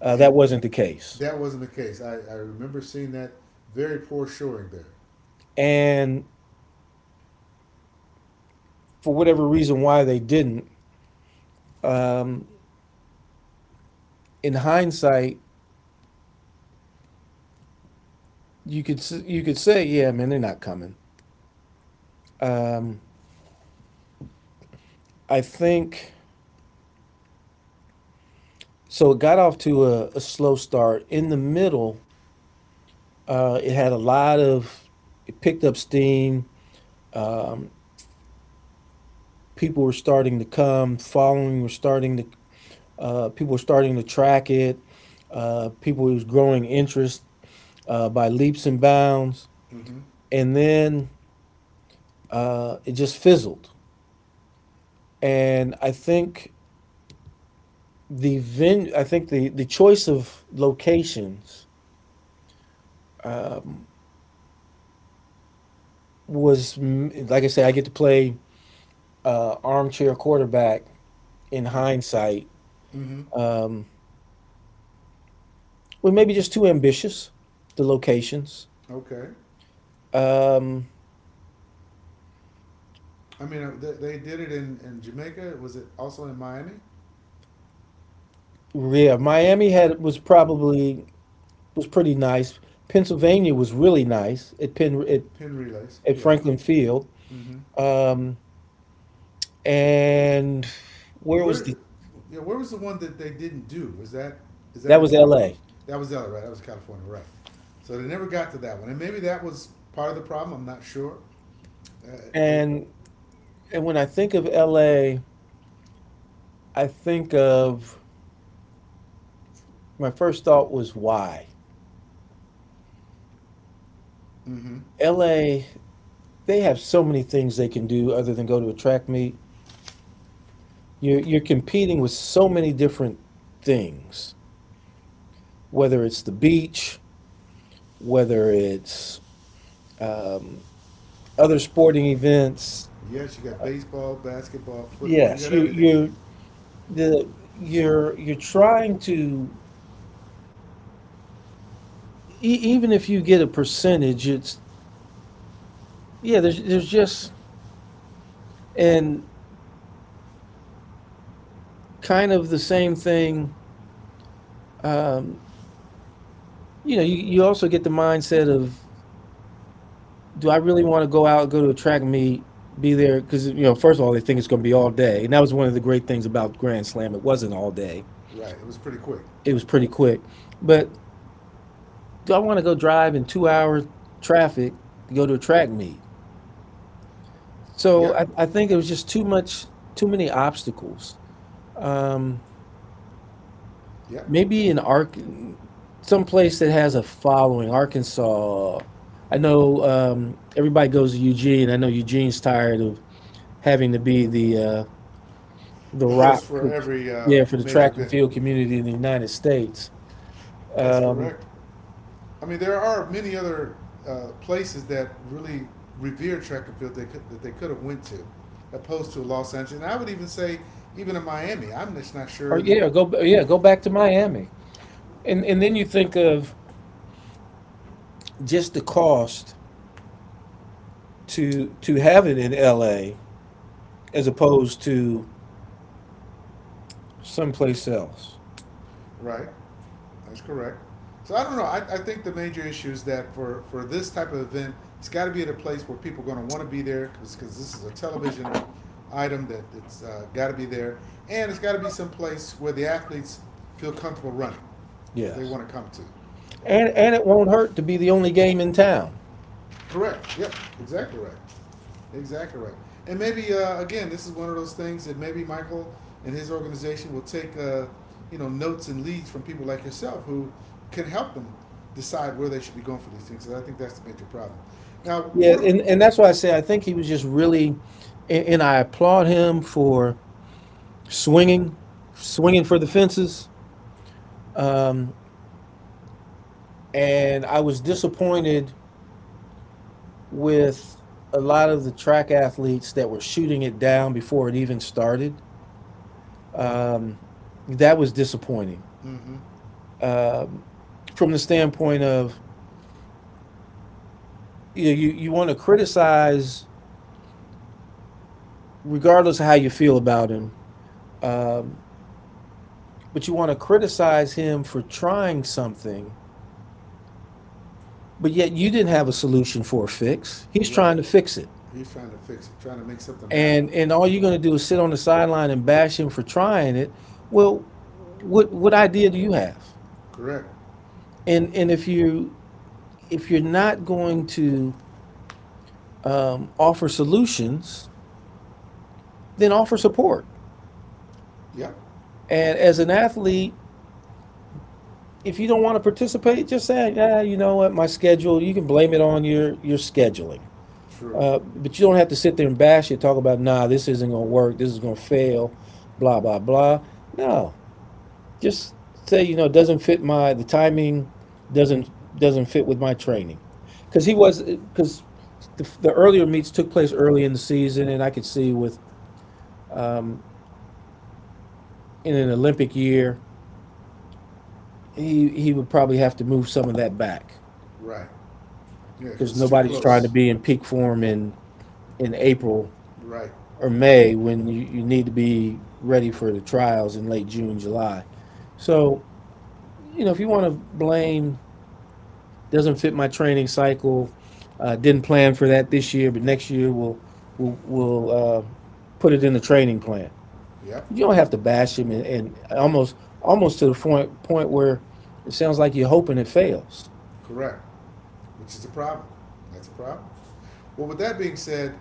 S1: and
S2: That wasn't the case,
S1: that wasn't the case. I remember seeing that very poor shoring there.
S2: and for whatever reason why they didn't. Um, in hindsight, you could say, yeah, man, they're not coming. Um, I think so. It got off to a slow start. In the middle, it had a lot of it picked up steam. People were starting to come. Following were starting to people were starting to track it. People was growing interest by leaps and bounds,
S1: Mm-hmm.
S2: and then it just fizzled. And I think the choice of locations was mm, like I said, I get to play armchair quarterback in
S1: Mm-hmm.
S2: hindsight.
S1: Mm-hmm.
S2: Well, maybe just too ambitious. The locations.
S1: Okay.
S2: Um,
S1: I mean, they did it in Jamaica. Was it also in Miami?
S2: yeah, Miami had was probably was pretty nice. Pennsylvania was really nice at Penn
S1: Pin relays,
S2: at
S1: yeah.
S2: Franklin Field.
S1: Mm-hmm.
S2: Um, and where was
S1: Where,
S2: the
S1: yeah, where was the one that they didn't do? Was that is that
S2: That
S1: in
S2: was
S1: California?
S2: L.A.
S1: That was the other, right? That was California, right? So they never got to that one, and maybe that was part of the problem. I'm not sure. Uh, uh,
S2: And and when I think of L.A., I think of my first thought was why
S1: mm-hmm.
S2: L.A., they have so many things they can do other than go to a track meet. You're competing with so many different things, whether it's the beach, whether it's um, other sporting events.
S1: Yes, you got baseball, basketball, football. You
S2: Yes,
S1: got
S2: you
S1: everything there.
S2: you the you're trying to even if you get a percentage, it's yeah. There's just and kind of the same thing. Um, you know, you also get the mindset of, do I really want to go out, go to a track meet, be there? Because, you know, first of all, they think it's going to be all day. And that was one of the great things about Grand Slam. It wasn't all day,
S1: Right. It was pretty quick.
S2: it was pretty quick. But do I want to go drive in 2 hours traffic to go to a track meet? So
S1: Yep.
S2: I think it was just too much, too many obstacles. Um,
S1: Yep.
S2: maybe in Ark, some place that has a following, Arkansas. I know everybody goes to Eugene. I know Eugene's tired of having to be the
S1: The host
S2: rock
S1: for
S2: for,
S1: every
S2: yeah, for the
S1: major
S2: track and
S1: event.
S2: field community in the United States.
S1: That's
S2: Um,
S1: correct. I mean, there are many other places that really revere track and field they could, that they could have went to, opposed to Los Angeles. And I would even say, even in Miami, I'm just not
S2: or
S1: sure that.
S2: yeah, go yeah Go back to Miami, and then you think of just the cost to have it in L.A. as opposed to someplace else.
S1: Right, that's correct. So I don't know. I think the major issue is that for this type of event, it's got to be at a place where people are going to want to be there because this is a television item that it's got to be there, and it's got to be some place where the athletes feel comfortable running, that they
S2: Yes,
S1: want to come to.
S2: and it won't hurt to be the only game in town.
S1: Correct. Yep. Exactly right. Exactly right. And maybe again, this is one of those things that maybe Michael and his organization will take you know, notes and leads from people like yourself who can help them decide where they should be going for these things. 'Cause I think that's the major problem. Now,
S2: Yeah,
S1: what? A,
S2: and that's why I say I think he was just really, and I applaud him for swinging, swinging for the fences. And I was disappointed with a lot of the track athletes that were shooting it down before it even started. Um, that was disappointing
S1: mm-hmm.
S2: um, from the standpoint of, you know, you want to criticize regardless of how you feel about him, um, but you want to criticize him for trying something, but yet you didn't have a solution for a fix. He's
S1: Right.
S2: trying to fix it,
S1: He's trying to fix it, trying to make something happen.
S2: and all you're going to do is sit on the sideline and bash him for trying it. Well, what idea do you have?
S1: Correct.
S2: And if you, if you're not going to offer solutions, then offer support.
S1: Yep.
S2: And as an athlete, if you don't want to participate, just say, yeah, you know what, my schedule. You can blame it on your scheduling,
S1: True.
S2: but you don't have to sit there and bash it. Talk about, nah, this isn't gonna work. This is gonna fail. Blah blah blah. No, just say, you know, it doesn't fit my the timing doesn't doesn't fit with my training because he was because the earlier meets took place early in the season, and I could see with, in an Olympic year, he would probably have to move some of that back
S1: Right. Yeah, because
S2: because
S1: it's too
S2: nobody's trying to
S1: close.
S2: be in peak form in April
S1: Right.
S2: or May when you need to be ready for the trials in late June, July. So, you know, if you want to blame, doesn't fit my training cycle. Didn't plan for that this year, but next year we'll put it in the training plan.
S1: Yep.
S2: You don't have to bash him, and almost to the point where it sounds like you're hoping it fails.
S1: Correct, which is a problem. That's a problem. Well, with that being said,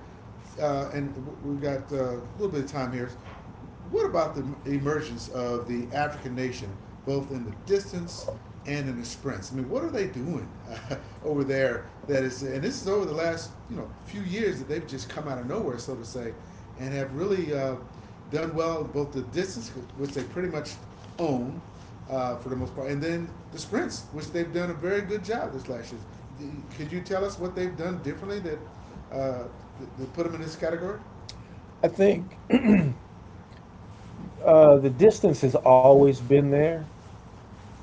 S1: and we've got a little bit of time here. What about the emergence of the African nation, both in the distance and in the sprints? I mean, what are they doing over there? That is, and this is over the last you know few years that they've just come out of nowhere, so to say, and have really done well in both the distance, which they pretty much own, for the most part, and then the sprints, which they've done a very good job this last year. Could you tell us what they've done differently that uh, they put them in this category?
S2: I think the distance has always been there.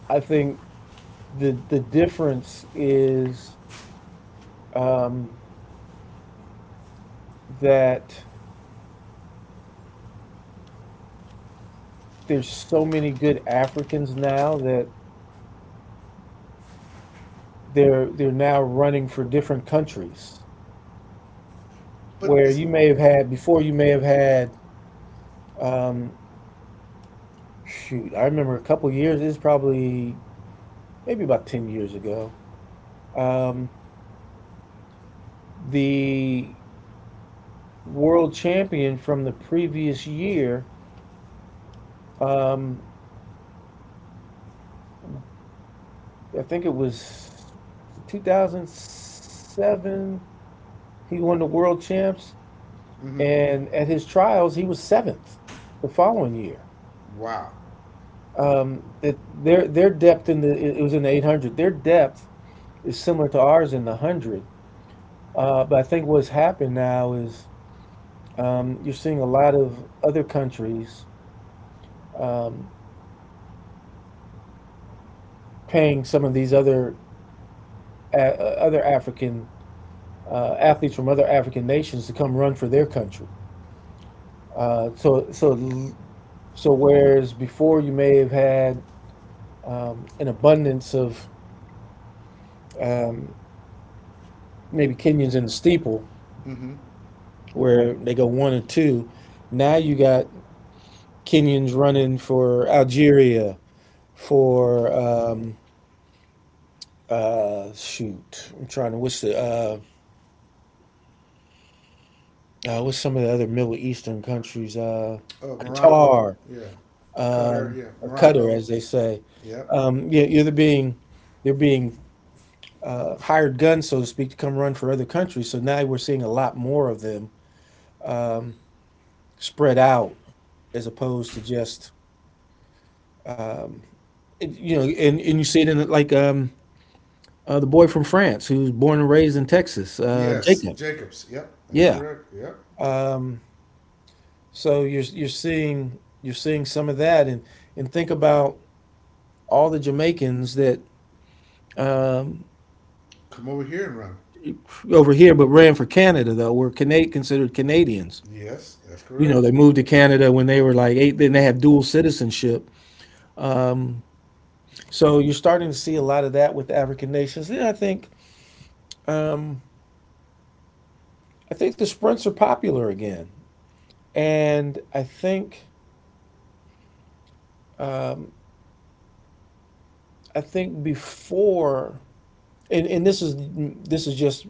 S2: I think the difference is that there's so many good Africans now that they're now running for different countries.
S1: But
S2: Where
S1: it's
S2: you may have had before, you may have had, um, shoot, I remember a couple years. It's probably maybe about 10 years ago. um, the world champion from the previous year, um, I think it was 2007, he won the world champs,
S1: mm-hmm.
S2: and at his trials he was seventh the following year.
S1: Wow.
S2: That their depth in the, it was in the 800, their depth is similar to ours in the 100. But I think what's happened now is, you're seeing a lot of other countries um, paying some of these other other African athletes from other African nations to come run for their country. Uh, so so so whereas before you may have had an abundance of, um, maybe Kenyans in the steeple
S1: Mm-hmm.
S2: where they go one or two, now you got Kenyans running for Algeria, for uh, shoot, I'm trying to. What's the uh, what's some of the other Middle Eastern countries?
S1: Oh, Morocco.
S2: Qatar,
S1: Yeah. Qatar. Yeah.
S2: or Qatar,
S1: Morocco.
S2: as they say.
S1: Yep.
S2: Yeah, they're being hired guns, so to speak, to come run for other countries. So now we're seeing a lot more of them um, spread out, as opposed to just, um, you know, and you see it in, like, the boy from France who's born and raised in Texas,
S1: Yes.
S2: Jacob.
S1: Jacobs. Yep. That's
S2: Yeah.
S1: correct. Yep.
S2: um. So you're seeing some of that, and think about all the Jamaicans that um,
S1: Come over here and run.
S2: over here, but ran for Canada, though were considered Canadians.
S1: Yes. That's
S2: You know,
S1: correct.
S2: they moved to Canada when they were like eight. Then they have dual citizenship. So you're starting to see a lot of that with the African nations. Then I think, um, I think the sprints are popular again, and I think, I think before, and this is, this is just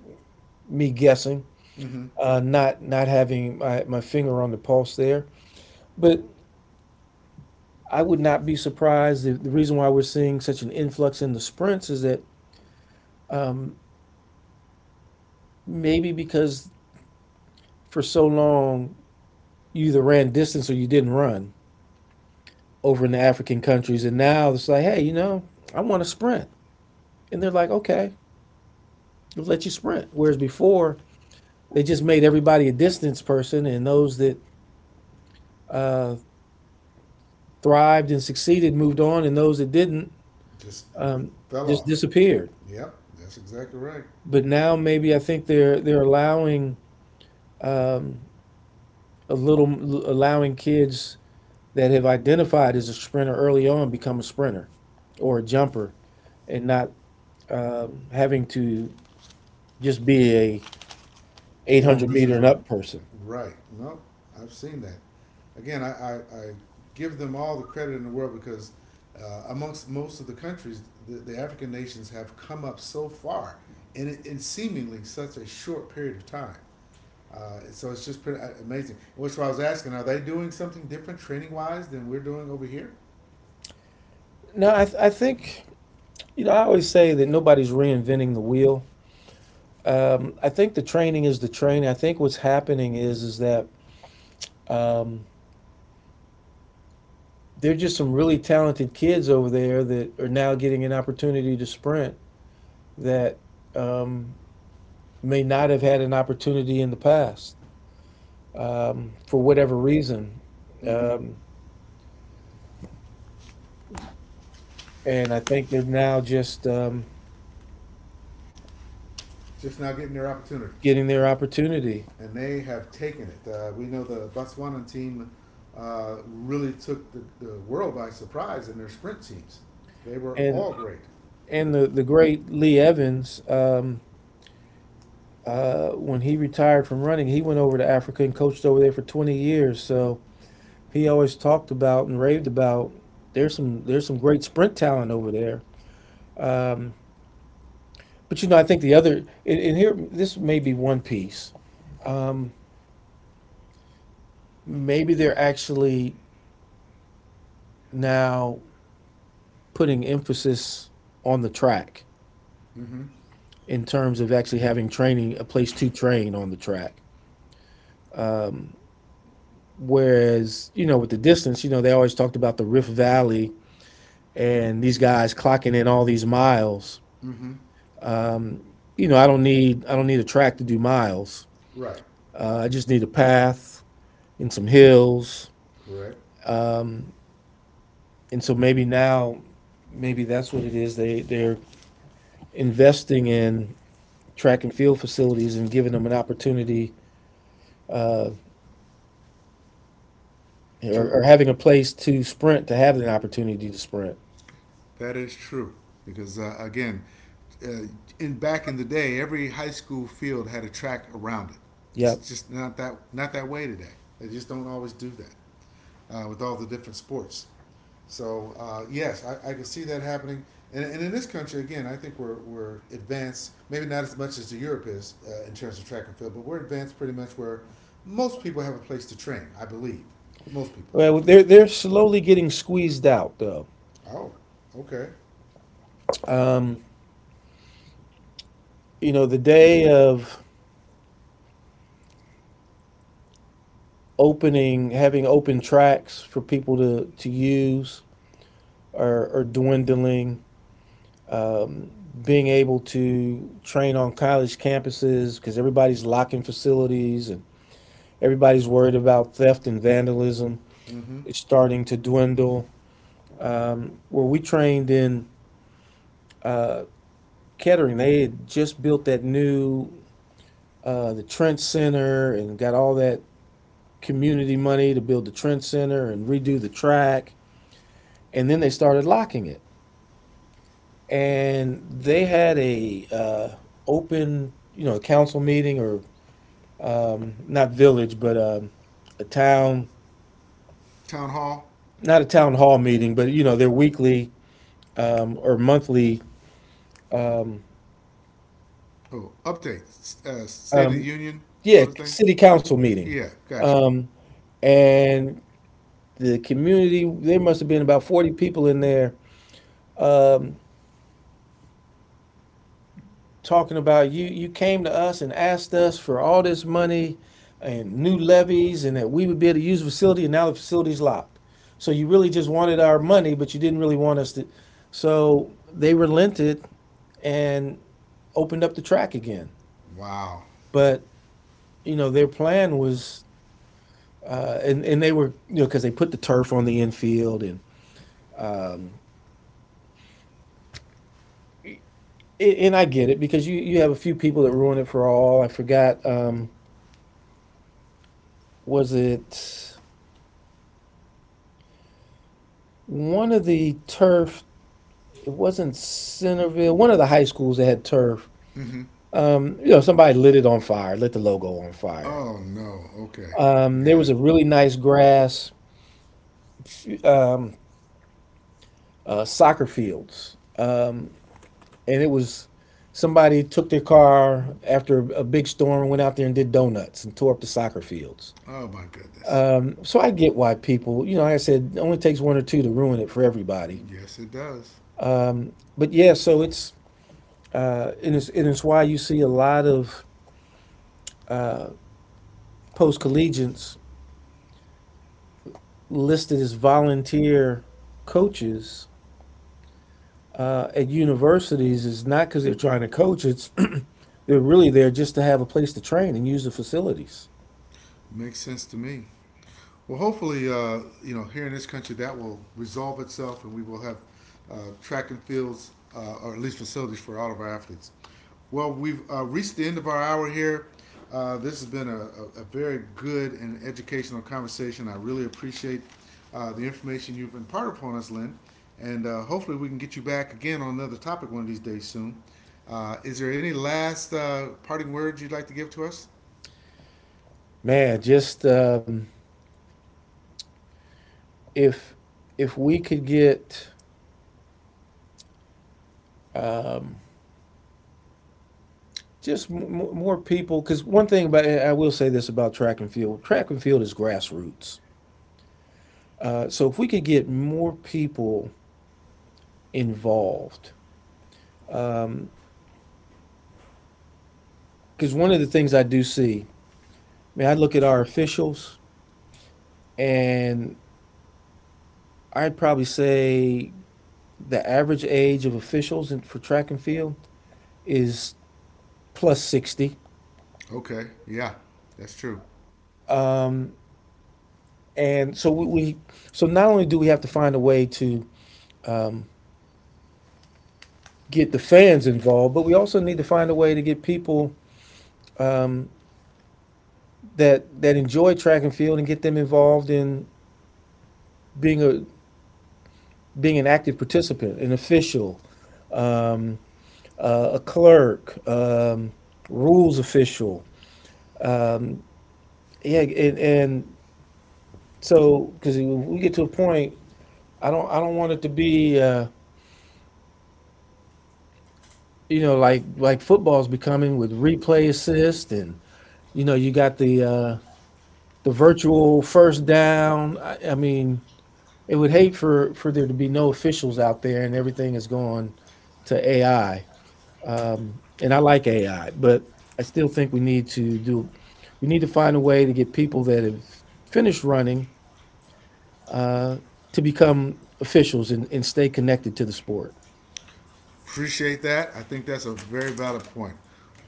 S2: me guessing,
S1: Mm-hmm.
S2: not not having my, my finger on the pulse there. But I would not be surprised if the reason why we're seeing such an influx in the sprints is that maybe because for so long you either ran distance or you didn't run over in the African countries, and now it's like, hey, you know, I want to sprint, and they're like, okay, we'll let you sprint. Whereas before they just made everybody a distance person, and those that uh, thrived and succeeded moved on, and those that didn't,
S1: Just
S2: um,
S1: fell
S2: just
S1: off.
S2: disappeared.
S1: Yep, that's exactly right.
S2: But now maybe I think they're allowing um, a little, allowing kids that have identified as a sprinter early on become a sprinter or a jumper, and not having to just be a
S1: Long
S2: 800 meter
S1: distance
S2: and
S1: runner.
S2: up person.
S1: Right. No, I've seen that. Again, I give them all the credit in the world because amongst most of the countries, the African nations have come up so far in seemingly such a short period of time. So it's just pretty amazing. Which I was asking, are they doing something different training wise than we're doing over here?
S2: No, I, I think, you know, I always say that nobody's reinventing the wheel. I think the training is the training. I think what's happening is that um, they're just some really talented kids over there that are now getting an opportunity to sprint that um, may not have had an opportunity in the past, for whatever reason.
S1: Mm-hmm.
S2: Um, and I think they're now just
S1: Just now getting their opportunity.
S2: getting their opportunity.
S1: And they have taken it. We know the Botswana team really took the world by surprise in their sprint teams. They were
S2: And
S1: all great.
S2: and the great Lee Evans, when he retired from running, he went over to Africa and coached over there for 20 years. So he always talked about and raved about, there's some, there's some great sprint talent over there. Um, but you know, I think the other, and here this may be one piece. Um, maybe they're actually now putting emphasis on the track,
S1: Mm-hmm.
S2: in terms of actually having training, a place to train on the track, whereas, you know, with the distance, you know, they always talked about the Rift Valley and these guys clocking in all these miles.
S1: Mm-hmm.
S2: um, you know, I don't need a track to do miles,
S1: Right.
S2: I just need a path and some hills,
S1: Correct.
S2: um, and so maybe now, maybe that's what it is, they're investing in track and field facilities and giving them an opportunity, uh,
S1: To
S2: or having a place to sprint, to have an opportunity to sprint.
S1: that is true because again, uh, in back in the day, every high school field had a track around it. It's
S2: Yep.
S1: just not that not that way today. They just don't always do that with all the different sports. So yes, I can see that happening. And in this country, again, I think we're advanced, maybe not as much as the Europe is in terms of track and field, but we're advanced pretty much where most people have a place to train, I believe. Most people.
S2: Well, they're slowly getting squeezed out though.
S1: Oh, okay.
S2: Um, you know, the day of opening, having open tracks for people to use are dwindling. Being able to train on college campuses because everybody's locking facilities and everybody's worried about theft and vandalism
S1: Mm-hmm.
S2: is starting to dwindle. Where we trained in Kettering, they had just built that new the Trent Center, and got all that community money to build the Trent Center and redo the track, and then they started locking it. And they had a open, you know, a council meeting, or not village, but a town,
S1: Town hall,
S2: not a town hall meeting, but, you know, their weekly, or monthly, um,
S1: oh, update. State of the
S2: um,
S1: Union
S2: yeah,
S1: sort of thing?
S2: city council meeting.
S1: Yeah, gotcha.
S2: Um, and the community there, must have been about 40 people in there, um, talking about, you came to us and asked us for all this money and new levies, and that we would be able to use the facility, and now the facility's locked, so you really just wanted our money, but you didn't really want us to. So they relented and opened up the track again,
S1: Wow.
S2: but you know, their plan was, and they were, you know, because they put the turf on the infield, and I get it because you have a few people that ruin it for all. I forgot, was it one of the turf? It wasn't Centerville, one of the high schools that had turf.
S1: Mm-hmm.
S2: You know, somebody lit it on fire, lit the logo on fire.
S1: Oh, no. Okay.
S2: There was
S1: Yeah.
S2: a really nice grass, soccer fields, and it was, somebody took their car after a big storm, and went out there and did donuts and tore up the soccer fields.
S1: Oh, my goodness.
S2: So I get why people, you know, like I said, it only takes one or two to ruin it for everybody.
S1: Yes, it does.
S2: But yeah, so it's, and it's, and it's why you see a lot of post collegians listed as volunteer coaches, at universities, is not because they're trying to coach. It's, they're really there just to have a place to train and use the facilities.
S1: Makes sense to me. Well, hopefully, you know, here in this country, that will resolve itself, and we will have track and fields, or at least facilities for all of our athletes. Well, we've reached the end of our hour here. This has been a very good and educational conversation. I really appreciate the information you've imparted upon us, Lynn. And hopefully, we can get you back again on another topic one of these days soon. Is there any last parting words you'd like to give to us?
S2: Man, just, if if we could get, just, more people, because one thing about, I will say this about track and field is grassroots. So if we could get more people involved, because one of the things I do see, I mean, I look at our officials, and I'd probably say, the average age of officials in, for track and field, is plus 60.
S1: Okay, yeah, that's true.
S2: Um, and so so not only do we have to find a way to get the fans involved, but we also need to find a way to get people um, that that enjoy track and field and get them involved in being a, being an active participant, an official, um, a clerk, rules official. Yeah, and so, because we get to a point, I don't want it to be. You know, like football's becoming with replay assist, and you know, you got the virtual first down. I mean, it would hate for there to be no officials out there, and everything is going to AI. And I like AI, but I still think we need to do, we need to find a way to get people that have finished running to become officials and stay connected to the sport.
S1: Appreciate that. I think that's a very valid point.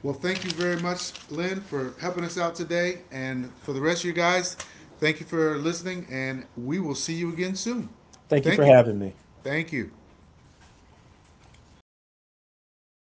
S1: Well, thank you very much, Lynn, for helping us out today. And for the rest of you guys, thank you for listening. And we will see you again soon.
S2: Thank you for
S1: Thank you.
S2: having me.
S1: Thank you.